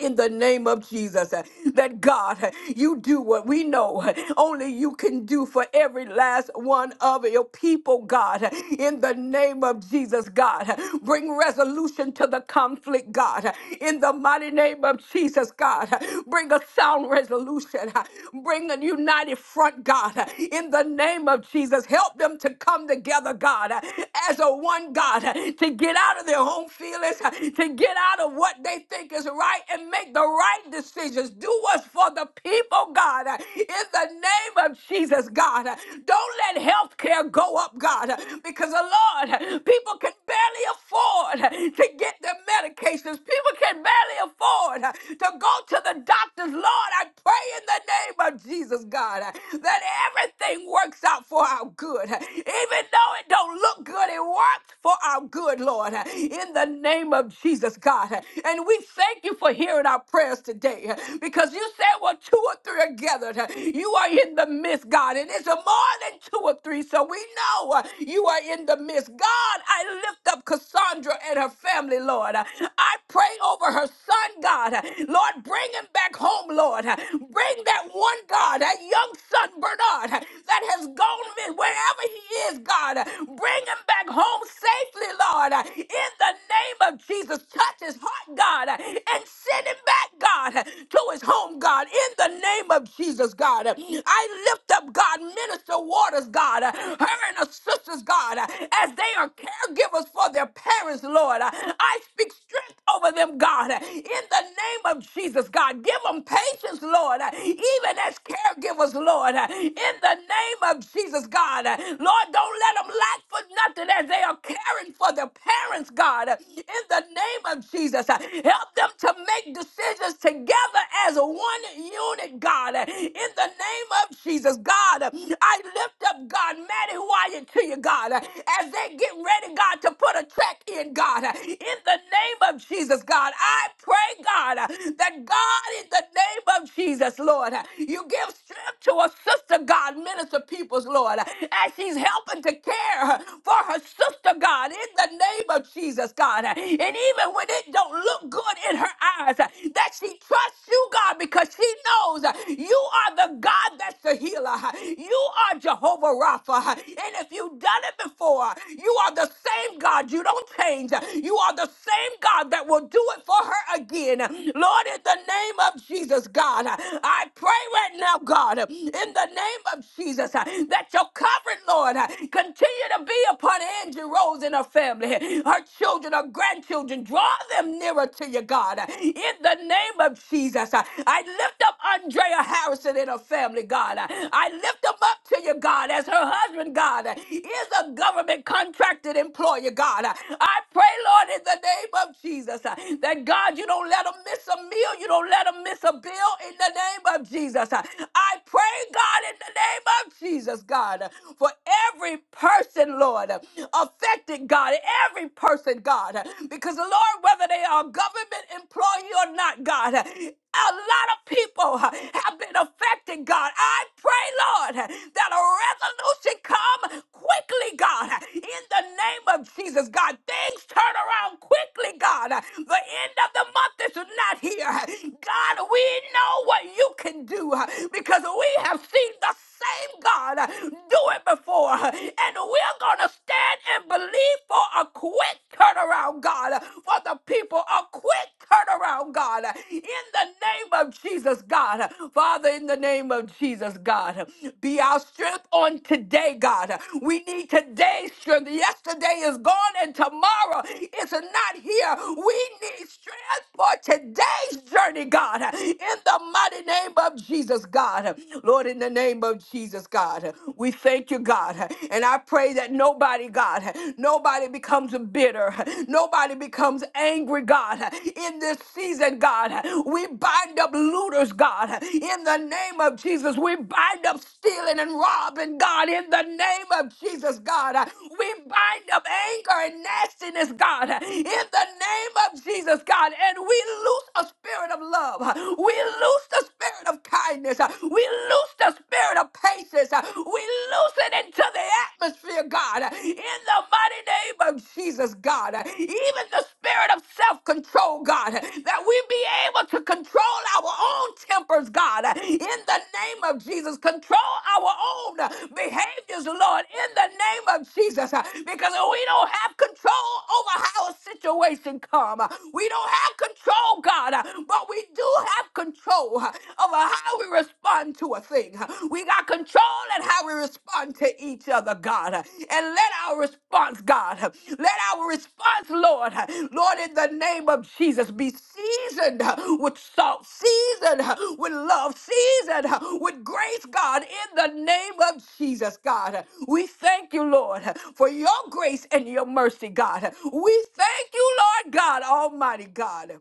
in the name of Jesus uh, that God, uh, you do what we know uh, only you can do for every last one of your people, God. uh, In the name of Jesus, God, uh, bring resolution to the conflict, God. uh, In the mighty name of Jesus, God, uh, bring a sound resolution. uh, Bring a united front, God. uh, In the name of Jesus, help them to come together, God, uh, as a one God, uh, to get out of their home feelings, uh, to get out of what they think is right and make the right decisions. Do what's for the people, God, in the name of Jesus, God. Don't let health care go up, God, because, uh, Lord, people can barely afford to get their medications. People can barely afford to go to the doctors. Lord, I pray in the name of Jesus, God, that everything works out for our good. Even though it don't look good, it works for our good, Lord. In the name of of Jesus, God. And we thank you for hearing our prayers today because you said, well, two or three are gathered. You are in the midst, God. And it's more than two or three, so we know uh, you are in the midst. God, I lift up Cassandra and her family, Lord. I pray over her son, God. Lord, bring him back home, Lord. Bring that one, God, that young son, Bernard, that has gone wherever he is, God. Bring him back home safely, Lord in the name of Jesus. Touch his heart, God, and send him back, God, to his home, God, in the name of Jesus, God. I lift up, God, Minister Waters, God, her and her sisters, God, as they are caregivers for their parents, Lord. I speak strength over them, God, in the name of Jesus, God. Give them patience, Lord, even as caregivers, Lord, in the name of Jesus, God. Lord, don't let them lack for nothing as they are caring for their parents, God, in the name of Jesus. Help them to make decisions together as one unit, God, in the name of Jesus. God, I lift up, God, Maddie Wyatt to you, God, as they get ready, God, to put a check in, God, in the name of Jesus, God. I pray, God, that God, in the name of Jesus, Lord, you give strength to a sister, God, minister peoples, Lord, as she's helping helping to care for her sister, God, in the name of Jesus, God. And even when it don't look good in her eyes, that she trusts you, God, because she knows you are the God that's the healer. You are Jehovah Rapha. And if you've done it before, you are the same God. You don't change. You are the same God that will do it for her again. Lord, in the name of Jesus, God, I pray right now, God, in the name of Jesus, that let your covering, Lord, uh, continue to be upon Angie Rose and her family, her children, her grandchildren. Draw them nearer to you, God. In the name of Jesus, uh, I lift up Andrea Harrison and her family, God. I lift them up to you, God, as her husband, God, is a government contracted employer, God. I pray, Lord, in the name of Jesus, uh, that God, you don't let them miss a meal, you don't let them miss a bill in the name of Jesus. Uh, I pray, God, in the name name of Jesus, God, for every person, Lord, affected, God, every person, God, because, Lord, whether they are government employee or not, God, a lot of people have been affected, God. I pray, Lord, that a resolution come quickly, God, in the name of Jesus, God. Things turn around quickly, God. The end of the month is not here. God, we know what you can do because we have seen the same God uh, do it before. uh, And we're going to stand and believe for a quick turnaround, God, uh, for the people, a quick turnaround, God, uh, in the name of Jesus, God. Uh, Father, in the name of Jesus, God, uh, be our strength on today, God. Uh, We need today's strength. Yesterday is gone and tomorrow is not here. We need strength for today's journey, God, in the mighty name of Jesus, God. God. Lord, in the name of Jesus, God, we thank you, God. And I pray that nobody, God, nobody becomes bitter, nobody becomes angry, God. In this season, God, we bind up looters, God. In the name of Jesus, we bind up stealing and robbing, God. In the name of Jesus, God, we bind up anger and nastiness, God. In the name of Jesus, God, and we loose a spirit of love. We loose the spirit of kindness. Uh, We loose the spirit of patience. Uh, We loose it into the atmosphere, God, uh, in the mighty name of Jesus, God. Uh, Even the spirit of self control, God, uh, that we be able to control our own tempers, God, uh, in the name of Jesus. Control our own uh, behaviors, Lord, in the name of Jesus, uh, because we don't have control over how a situation come. Uh, We don't have control, God, uh, but we do do have control over how we respond to a thing. We got control in how we respond to each other, God. And let our response, God, let our response, Lord, Lord, in the name of Jesus, be seasoned with salt, seasoned with love, seasoned with grace, God, in the name of Jesus, God. We thank you, Lord, for your grace and your mercy, God. We thank you, Lord God, Almighty God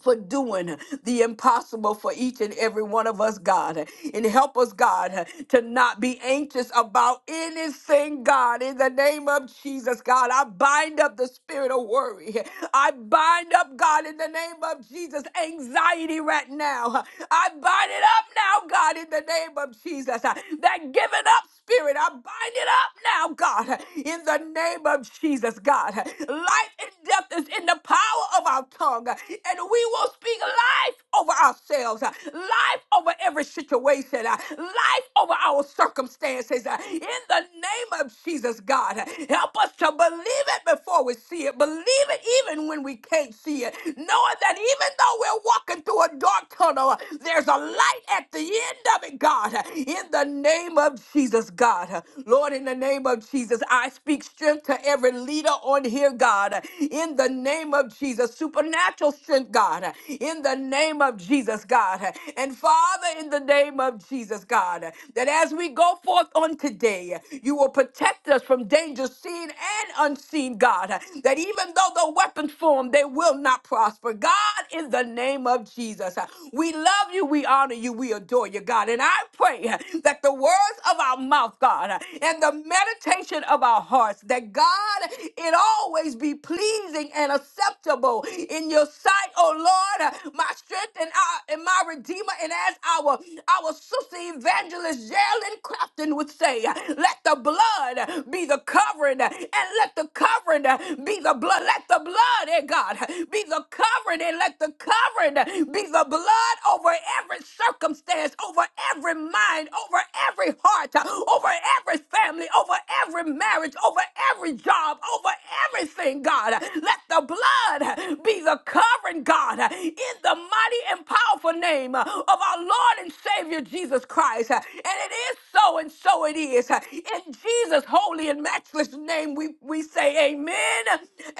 for doing the impossible for each and every one of us, God. And help us, God, to not be anxious about anything, God. In the name of Jesus, God, I bind up the spirit of worry. I bind up, God, in the name of Jesus, anxiety right now. I bind it up now, God, in the name of Jesus. That giving up spirit. I bind it up now, God, in the name of Jesus, God. Life and death is in the power of our tongue, and we will speak life over ourselves, life over every situation, life over our circumstances, in the name of Jesus, God. Help us to believe it before we see it, believe it even when we can't see it, knowing that even though we're walking through a dark tunnel, Oh, no, There's a light at the end of it, God, in the name of Jesus, God. Lord, in the name of Jesus, I speak strength to every leader on here, God, in the name of Jesus, supernatural strength, God, in the name of Jesus, God. And Father, in the name of Jesus, God, that as we go forth on today, you will protect us from danger seen and unseen, God, that even even though the weapons form, they will not prosper. God, in the name of Jesus, uh, we love you, we honor you, we adore you, God. And I pray uh, that the words of our mouth, God, uh, and the meditation of our hearts, that God, it always be pleasing and acceptable in your sight, oh Lord, uh, my strength and, our, and my redeemer. And as our, our sister evangelist Geraldine Crafton would say, uh, let the blood be the covering, and let the covering be the blood. Let the blood, eh, God, be the covering, and let the covering be the blood over every circumstance, over every mind, over every heart, over every family, over every marriage, over every job, over everything, God. Let the blood be the covering, God, in the mighty and powerful name of our Lord and Savior Jesus Christ. And it is so, and so it is. In Jesus' holy and matchless name, we, we say amen,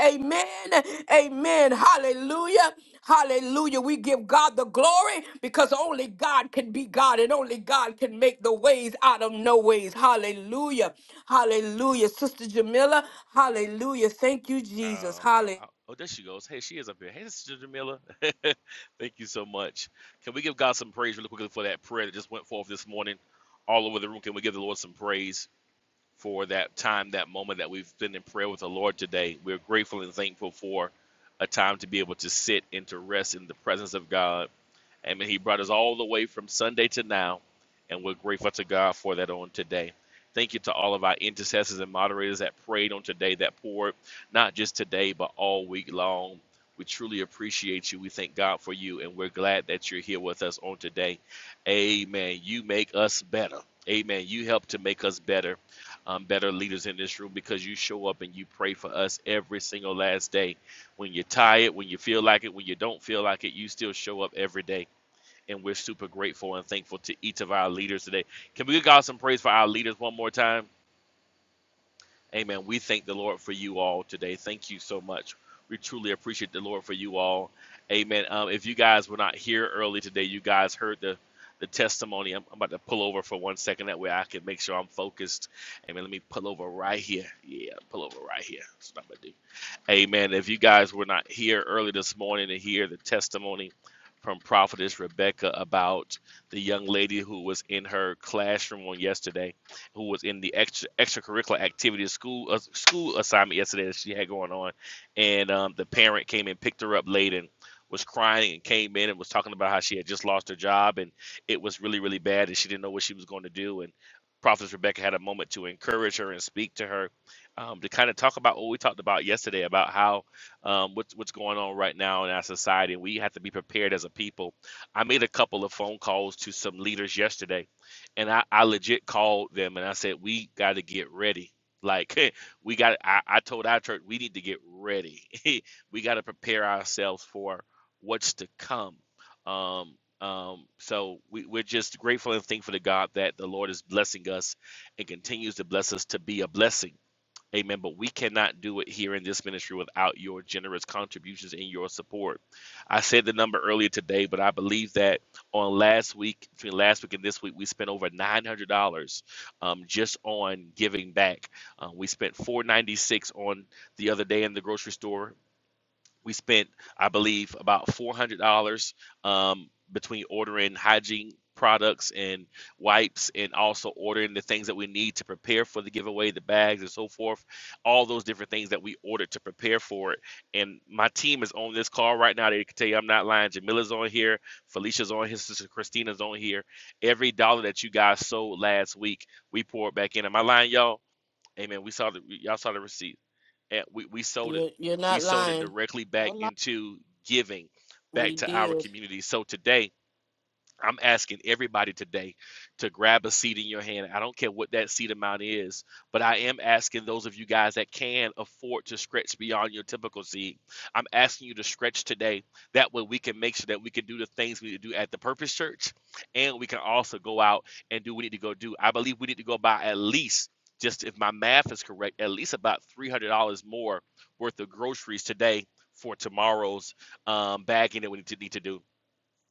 amen, amen. Hallelujah, hallelujah. We give God the glory because only God can be God and only God can make the ways out of no ways. Hallelujah, hallelujah. Sister Jamila, hallelujah. Thank you, Jesus. Um, I don't. Hallelujah. I, oh, there she goes. Hey, she is up here. Hey, Sister Jamila. <laughs> Thank you so much. Can we give God some praise really quickly for that prayer that just went forth this morning, all over the room? Can we give the Lord some praise for that time, that moment that we've been in prayer with the Lord today? We're grateful and thankful for a time to be able to sit and to rest in the presence of God Amen. He brought us all the way from Sunday to now, and we're grateful to God for that on today. Thank you to all of our intercessors and moderators that prayed on today, that poured, not just today, but all week long. We truly appreciate you. We thank God for you, and we're glad that you're here with us on today. Amen. You make us better. Amen. You help to make us better, um, better leaders in this room because you show up and you pray for us every single last day. When you're tired, when you feel like it, when you don't feel like it, you still show up every day and we're super grateful and thankful to each of our leaders today. Can we give God some praise for our leaders one more time? Amen. We thank the Lord for you all today. Thank you so much. We truly appreciate the Lord for you all. Amen. Um, if you guys were not here early today, you guys heard the the testimony. I'm, I'm about to pull over for one second. That way I can make sure I'm focused. Amen. Let me pull over right here. Yeah, pull over right here. That's what I'm gonna do. Amen. If you guys were not here early this morning to hear the testimony from Prophetess Rebecca about the young lady who was in her classroom on yesterday, who was in the extra, extracurricular activity school uh, school assignment yesterday that she had going on, and um, the parent came and picked her up late and was crying and came in and was talking about how she had just lost her job and it was really really bad and she didn't know what she was going to do and Prophetess Rebecca had a moment to encourage her and speak to her um, to kind of talk about what we talked about yesterday about how um, what's what's going on right now in our society. We have to be prepared as a people. I made a couple of phone calls to some leaders yesterday, and I, I legit called them and I said we got to get ready. Like <laughs> we got, I, I told our church we need to get ready. <laughs> we got to prepare ourselves for what's to come. Um, um, so we, we're just grateful and thankful to God that the Lord is blessing us and continues to bless us to be a blessing Amen. But we cannot do it here in this ministry without your generous contributions and your support. I said the number earlier today, but I believe that on last week, between last week and this week, we spent over nine hundred dollars um, just on giving back. Uh, we spent four ninety six on the other day in the grocery store. We spent, I believe, about four hundred dollars um, between ordering hygiene products and wipes, and also ordering the things that we need to prepare for the giveaway, the bags and so forth. All those different things that we ordered to prepare for it. And my team is on this call right now. They can tell you I'm not lying. Jamila's on here, Felicia's on, here. sister Christina's on here. Every dollar that you guys sold last week, we poured back in. Am I lying, y'all? Amen. We saw the y'all saw the receipt and we, we sold it You're you're we not sold it lying. directly No back lie. into giving back We to our did. community so today I'm asking everybody today to grab a seed in your hand. I don't care what that seed amount is, but I am asking those of you guys that can afford to stretch beyond your typical seed. I'm asking you to stretch today. That way, we can make sure that we can do the things we need to do at the Purpose Church, and we can also go out and do what we need to go do. I believe we need to go buy at least, just if my math is correct, at least about $300 more worth of groceries today for tomorrow's um, bagging that we need to, need to do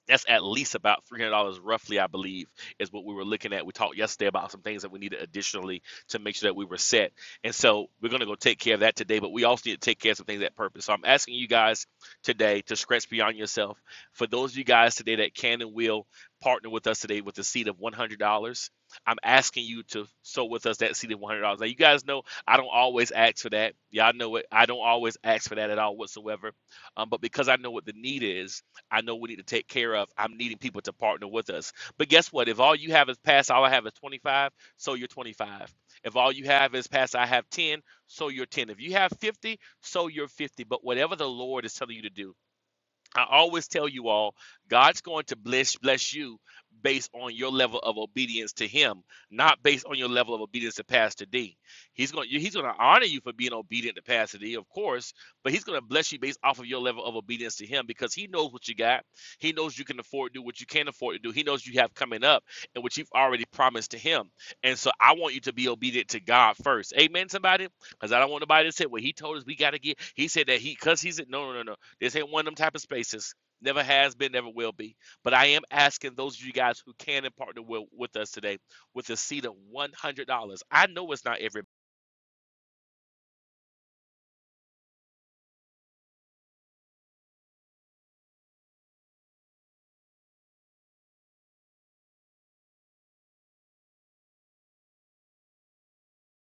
that's at least about three hundred dollars, roughly, I believe, is what we were looking at. We talked yesterday about some things that we needed additionally to make sure that we were set, and so we're gonna go take care of that today. But we also need to take care of some things at purpose. So I'm asking you guys today to scratch beyond yourself. For those of you guys today that can and will partner with us today with a seed of one hundred dollars, I'm asking you to sow with us that seed of one hundred dollars. Now you guys know I don't always ask for that. Y'all know it. I don't always ask for that at all whatsoever. Um, but because I know what the need is I know we need to take care of. I'm needing people to partner with us. But guess what? If all you have is past, all I have is 25, so you're 25. If all you have is past, I have 10, so you're 10. If you have 50, so you're 50. But whatever the Lord is telling you to do, I always tell you all, God's going to bless bless you based on your level of obedience to Him, not based on your level of obedience to Pastor D. He's going to, He's going to honor you for being obedient to Pastor D, of course, but He's going to bless you based off of your level of obedience to Him because He knows what you got. He knows you can afford to do what you can't afford to do. He knows you have coming up and what you've already promised to Him. And so I want you to be obedient to God first. Amen. Somebody, because I don't want nobody to say, "Well, He told us we got to get." He said that He because He's no, no, no, no. This ain't one of them type of spaces. Never has been, never will be. But I am asking those of you guys who can and partner with, with us today with a seed of $100. I know it's not everybody.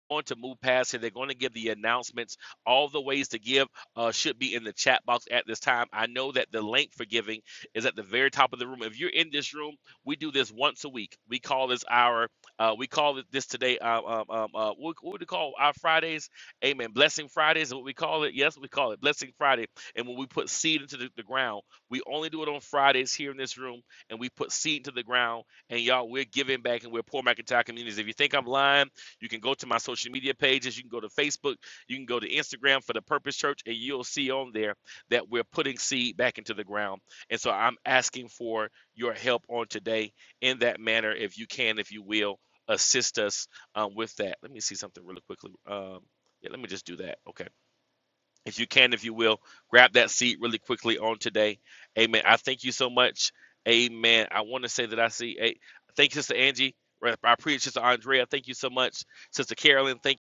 going to move past here. They're going to give the announcements. All the ways to give uh, should be in the chat box at this time. I know that the link for giving is at the very top of the room. If you're in this room, we do this once a week. We call this our, uh, we call it this today, uh, um, um, uh, what, what do we call our Fridays? Amen. Blessing Fridays is what we call it. Yes, we call it Blessing Friday. And when we put seed into the, the ground, we only do it on Fridays here in this room, and we put seed into the ground. And y'all, we're giving back and we're poor McIntyre communities. If you think I'm lying, you can go to my social media pages. You can go to Facebook. You can go to Instagram for the Purpose Church, and you'll see on there that we're putting seed back into the ground. And so I'm asking for your help on today in that manner, if you can, if you will, assist us um, with that. Let me see something really quickly. Um, yeah, let me just do that. Okay if you can, if you will, grab that seat really quickly on today. Amen. I thank you so much. Amen. I want to say that I see. A, thank you, Sister Angie. Right, I appreciate Sister Andrea. Thank you so much, Sister Carolyn. Thank you.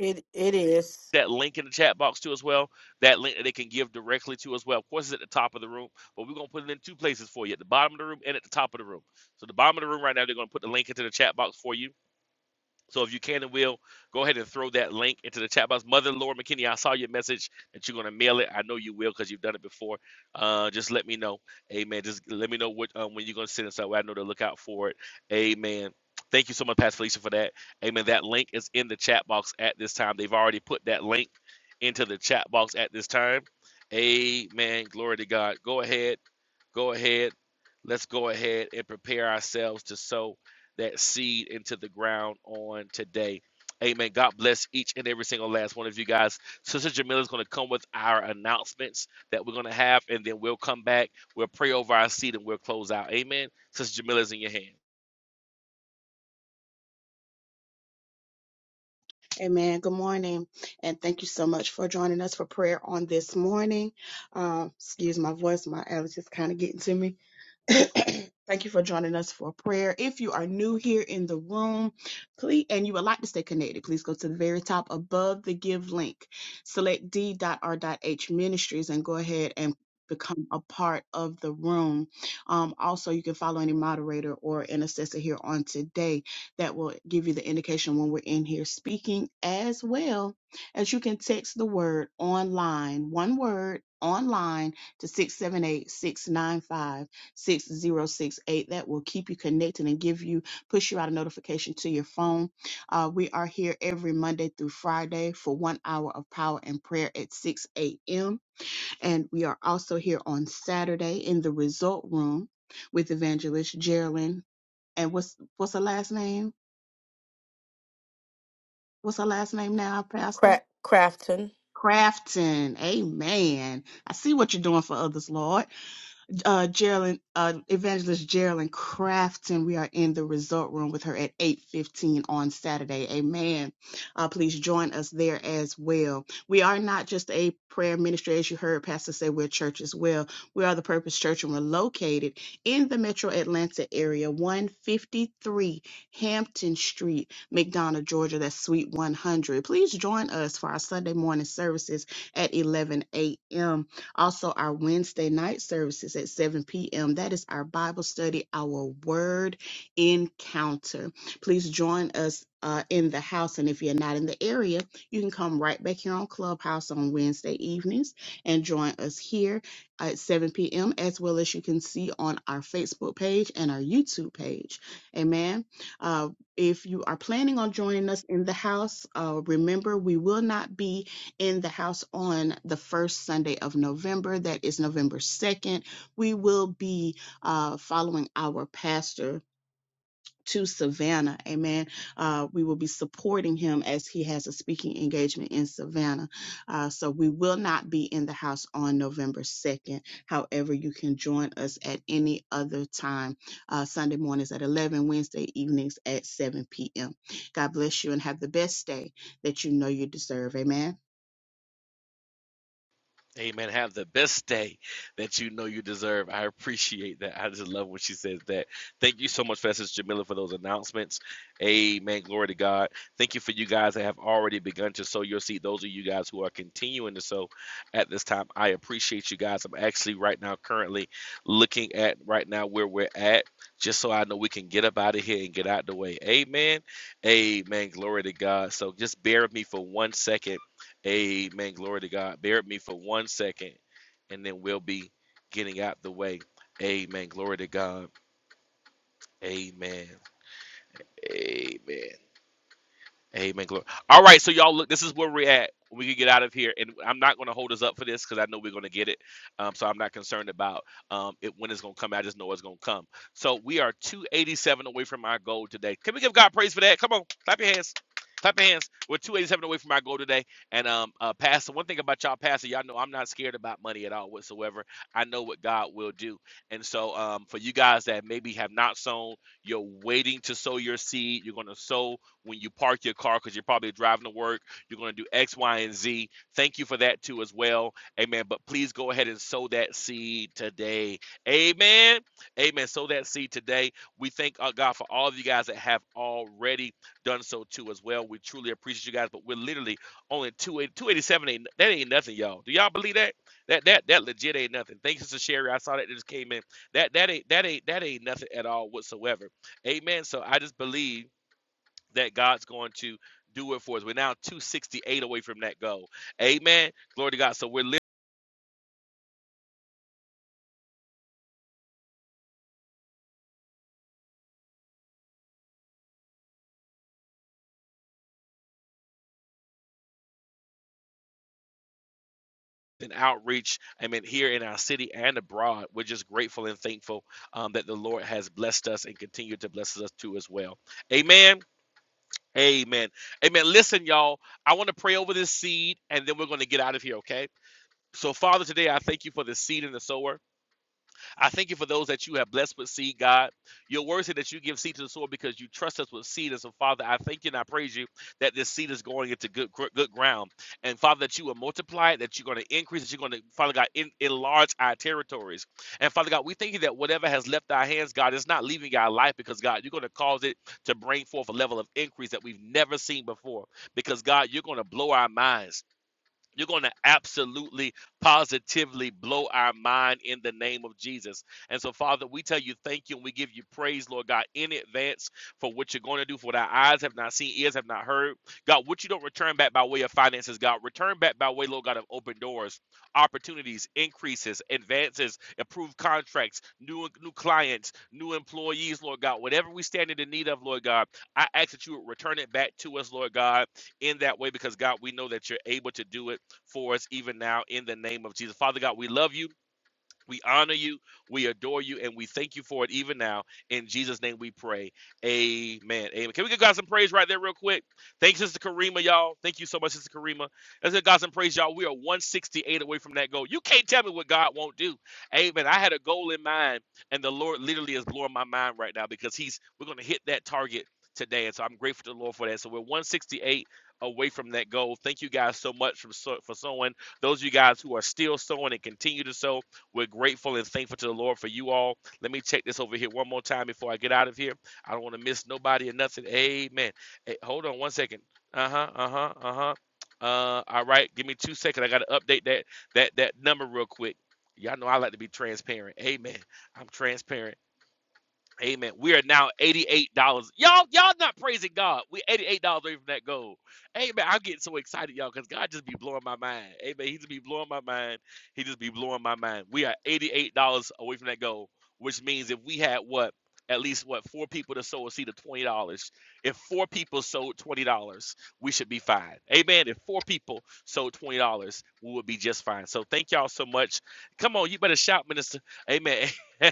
It it is. that link in the chat box too as well. That link that they can give directly to as well. Of course, it's at the top of the room, but we're gonna put it in two places for you: at the bottom of the room and at the top of the room. So the bottom of the room right now, they're gonna put the link into the chat box for you So if you can and will, go ahead and throw that link into the chat box. Mother Laura McKinney, I saw your message that you're going to mail it. I know you will because you've done it before. Uh, just let me know. Amen. Just let me know what um, when you're going to send it so I know to look out for it. Amen. Thank you so much, Pastor Felicia, for that. Amen. That link is in the chat box at this time. They've already put that link into the chat box at this time. Amen. Glory to God. Go ahead. Go ahead. Let's go ahead and prepare ourselves to sow that seed into the ground on today. Amen. God bless each and every single last one of you guys. Sister Jamila is going to come with our announcements that we're going to have, and then we'll come back. We'll pray over our seed and we'll close out. Amen. Sister Jamila is in your hands. Amen. Good morning. And thank you so much for joining us for prayer on this morning. Um, excuse my voice, my allergies kind of getting to me. <coughs> <clears throat> Thank you for joining us for prayer. If you are new here in the room, please and you would like to stay connected, please go to the very top above the give link. Select d.r.h ministries and go ahead and become a part of the room. Um, also, you can follow any moderator or intercessor here on today that will give you the indication when we're in here speaking, as well as you can text the word online, one word online to 678 695. 6068. That will keep you connected and give you, push you out a notification to your phone. Uh, we are here every Monday through Friday for one hour of power and prayer at 6 a.m. And we are also here on Saturday in the result room with evangelist Geraldine. And what's what's her last name? What's her last name now, Pastor? Cra- Crafton. Crafton. Amen. I see what you're doing for others, Lord. uh, Geraldine, uh, Evangelist Geraldine Crafton. We are in the resort room with her at 8.15 on Saturday. Amen. Uh, please join us there as well. We are not just a prayer ministry. As you heard Pastor say, we're a church as well. We are the Purpose Church and we're located in the metro Atlanta area, 153 Hampton Street, McDonough, Georgia. That's Suite 100. Please join us for our Sunday morning services at 11 a.m. Also, our Wednesday night services at 7 p.m. That is our Bible study, our word encounter. Please join us. Uh, in the house, and if you're not in the area, you can come right back here on Clubhouse on Wednesday evenings and join us here at 7 p.m. as well as you can see on our Facebook page and our YouTube page. Amen. Uh, if you are planning on joining us in the house, uh, remember we will not be in the house on the first Sunday of November. That is November 2nd. We will be uh, following our pastor to Savannah. Amen. Uh, we will be supporting him as he has a speaking engagement in Savannah. Uh, so we will not be in the house on November 2nd. However, you can join us at any other time. Uh, Sunday mornings at 11, Wednesday evenings at 7 p.m. God bless you and have the best day that you know you deserve. Amen. Amen. Have the best day that you know you deserve. I appreciate that. I just love when she says that. Thank you so much, Pastor Jamila, for those announcements. Amen. Glory to God. Thank you for you guys that have already begun to sow your seed. Those of you guys who are continuing to sow at this time, I appreciate you guys. I'm actually right now currently looking at right now where we're at, just so I know we can get up out of here and get out the way. Amen. Amen. Glory to God. So just bear with me for one second Amen. Glory to God. Bear with me for one second, and then we'll be getting out the way. Amen. Glory to God. Amen. Amen. Amen. Glory. All right, so y'all look. This is where we're at. We can get out of here, and I'm not going to hold us up for this because I know we're going to get it. Um, so I'm not concerned about um, it when it's going to come. I just know it's going to come. So we are 287 away from our goal today. Can we give God praise for that? Come on, clap your hands. Clap your hands. We're 287 away from our goal today. And um, uh, Pastor, one thing about y'all, Pastor, y'all know I'm not scared about money at all whatsoever. I know what God will do. And so um, for you guys that maybe have not sown, you're waiting to sow your seed. You're going to sow when you park your car because you're probably driving to work. You're going to do X, Y, and Z. Thank you for that too, as well. Amen. But please go ahead and sow that seed today. Amen. Amen. Sow that seed today. We thank uh, God for all of you guys that have already done so too, as well. We truly appreciate you guys, but we're literally only 280, 287. Ain't, that ain't nothing, y'all. Do y'all believe that? That that that legit ain't nothing. Thanks, Sister Sherry. I saw that it just came in. That that ain't that ain't that ain't nothing at all whatsoever. Amen. So I just believe that God's going to do it for us. We're now 268 away from that goal. Amen. Glory to God. So we're living in outreach, I mean, here in our city and abroad. We're just grateful and thankful um, that the Lord has blessed us and continue to bless us too as well. Amen. Amen. Amen. Listen, y'all, I want to pray over this seed and then we're going to get out of here, okay? So, Father, today I thank you for the seed and the sower. I thank you for those that you have blessed with seed, God. Your word said that you give seed to the soil because you trust us with seed. And so, Father, I thank you and I praise you that this seed is going into good good ground. And Father, that you will multiply it, that you're going to increase, that you're going to, Father God, en- enlarge our territories. And Father God, we thank you that whatever has left our hands, God, is not leaving our life because God, you're going to cause it to bring forth a level of increase that we've never seen before. Because God, you're going to blow our minds. You're going to absolutely, positively blow our mind in the name of Jesus. And so, Father, we tell you thank you and we give you praise, Lord God, in advance for what you're going to do, for what our eyes have not seen, ears have not heard. God, what you don't return back by way of finances, God, return back by way, Lord God, of open doors, opportunities, increases, advances, improved contracts, new, new clients, new employees, Lord God. Whatever we stand in the need of, Lord God, I ask that you would return it back to us, Lord God, in that way, because, God, we know that you're able to do it for us even now in the name of Jesus. Father God, we love you. We honor you, we adore you, and we thank you for it even now. In Jesus' name we pray. Amen. Amen. Can we give God some praise right there, real quick? Thanks, Sister Karima, y'all. Thank you so much, Sister Karima. Let's give God some praise, y'all. We are 168 away from that goal. You can't tell me what God won't do. Amen. I had a goal in mind, and the Lord literally is blowing my mind right now because He's we're gonna hit that target today. And so I'm grateful to the Lord for that. So we're 168 away from that goal. Thank you guys so much for, so- for sowing. Those of you guys who are still sowing and continue to sow. We're grateful and thankful to the Lord for you all. Let me check this over here one more time before I get out of here. I don't want to miss nobody or nothing. Amen. Hey, hold on one second. Uh huh. Uh huh. Uh huh. Uh, all right, give me two seconds. I gotta update that that that number real quick. Y'all know I like to be transparent. Amen. I'm transparent. Amen. We are now $88. Y'all, y'all not praising God. We $88 away from that goal. Amen. I'm getting so excited, y'all, because God just be blowing my mind. Amen. He just be blowing my mind. He just be blowing my mind. We are $88 away from that goal, which means if we had what? At least what four people to sow a seed of twenty dollars. If four people sold twenty dollars, we should be fine. Amen. If four people sold twenty dollars, we would be just fine. So thank y'all so much. Come on, you better shout, minister. Amen. <laughs>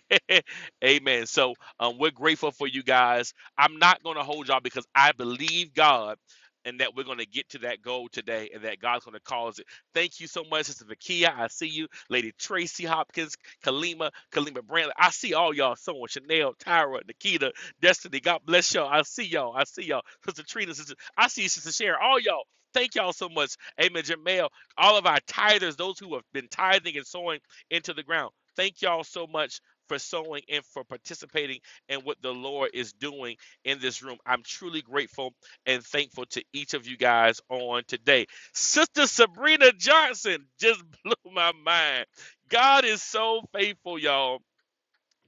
Amen. So um, we're grateful for you guys. I'm not going to hold y'all because I believe God and that we're going to get to that goal today and that God's going to cause it. Thank you so much, Sister Vakia. I see you. Lady Tracy Hopkins, Kalima, Kalima Brantley. I see all y'all sewing. Chanel, Tyra, Nikita, Destiny. God bless y'all. I see y'all. I see y'all. Sister Trina, Sister, I see you, Sister Sharon. All y'all. Thank y'all so much. Amen. Jamel, all of our tithers, those who have been tithing and sowing into the ground. Thank y'all so much for sowing and for participating and what the Lord is doing in this room. I'm truly grateful and thankful to each of you guys on today. Sister Sabrina Johnson just <laughs> blew my mind. God is so faithful, y'all.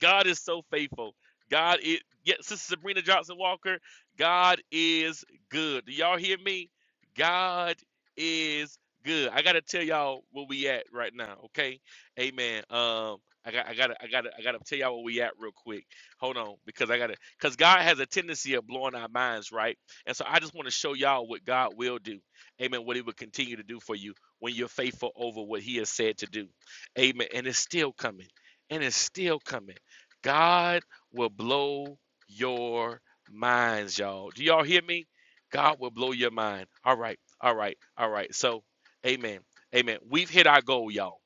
God is so faithful. God is yes, Sister Sabrina Johnson Walker. God is good. Do y'all hear me? God is good. I gotta tell y'all where we at right now. Okay, Amen. Um, I got, I gotta, I gotta, I gotta tell y'all where we at real quick. Hold on, because I gotta, because God has a tendency of blowing our minds, right? And so I just want to show y'all what God will do. Amen. What He will continue to do for you when you're faithful over what He has said to do. Amen. And it's still coming and it's still coming. God will blow your minds, y'all. Do y'all hear me? God will blow your mind. All right, all right, all right. So, amen, amen. We've hit our goal, y'all.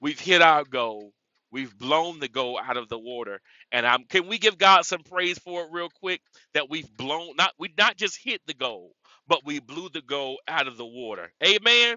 We've hit our goal. We've blown the goal out of the water. And I'm, can we give God some praise for it real quick? That we've blown, not we not just hit the goal, but we blew the goal out of the water. Amen.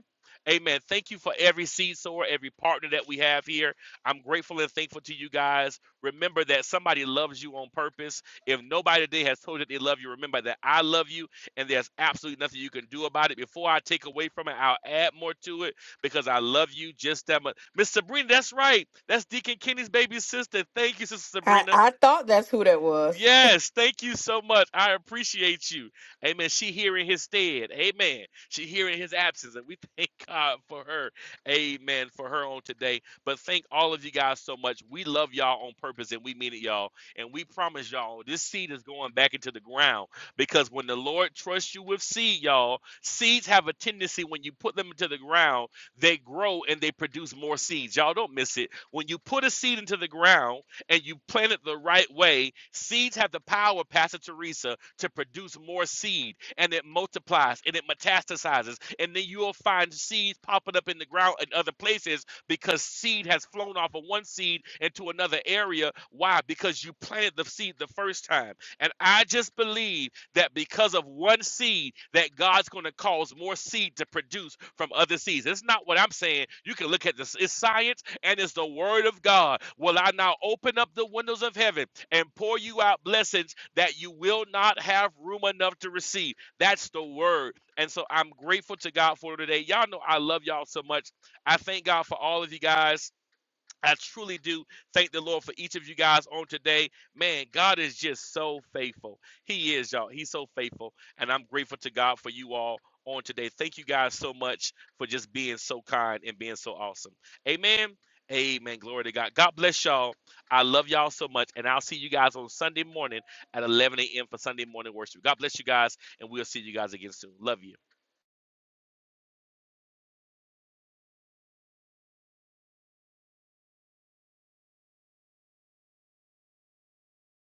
Amen. Thank you for every seed sower, every partner that we have here. I'm grateful and thankful to you guys. Remember that somebody loves you on purpose. If nobody today has told you that they love you, remember that I love you and there's absolutely nothing you can do about it. Before I take away from it, I'll add more to it because I love you just that much. Miss Sabrina, that's right. That's Deacon Kenny's baby sister. Thank you, Sister I, Sabrina. I thought that's who that was. Yes, thank you so much. I appreciate you. Amen. She here in his stead. Amen. She here in his absence. And we <laughs> thank God for her. Amen. For her on today. But thank all of you guys so much. We love y'all on purpose and we mean it, y'all. And we promise y'all this seed is going back into the ground because when the Lord trusts you with seed, y'all, seeds have a tendency when you put them into the ground, they grow and they produce more seeds. Y'all don't miss it. When you put a seed into the ground, and you plant it the right way, seeds have the power, Pastor Teresa, to produce more seed and it multiplies and it metastasizes. And then you'll find seeds popping up in the ground in other places because seed has flown off of one seed into another area. Why? Because you planted the seed the first time. And I just believe that because of one seed, that God's going to cause more seed to produce from other seeds. It's not what I'm saying. You can look at this, it's science and it's the word of God. Will I now open up the windows of heaven and pour you out blessings that you will not have room enough to receive? That's the word. And so I'm grateful to God for today. Y'all know I love y'all so much. I thank God for all of you guys I truly do thank the Lord for each of you guys on today. Man, God is just so faithful. He is, y'all. He's so faithful. And I'm grateful to God for you all on today. Thank you guys so much for just being so kind and being so awesome. Amen. Amen. Glory to God. God bless y'all. I love y'all so much. And I'll see you guys on Sunday morning at 11 a.m. for Sunday morning worship. God bless you guys. And we'll see you guys again soon. Love you.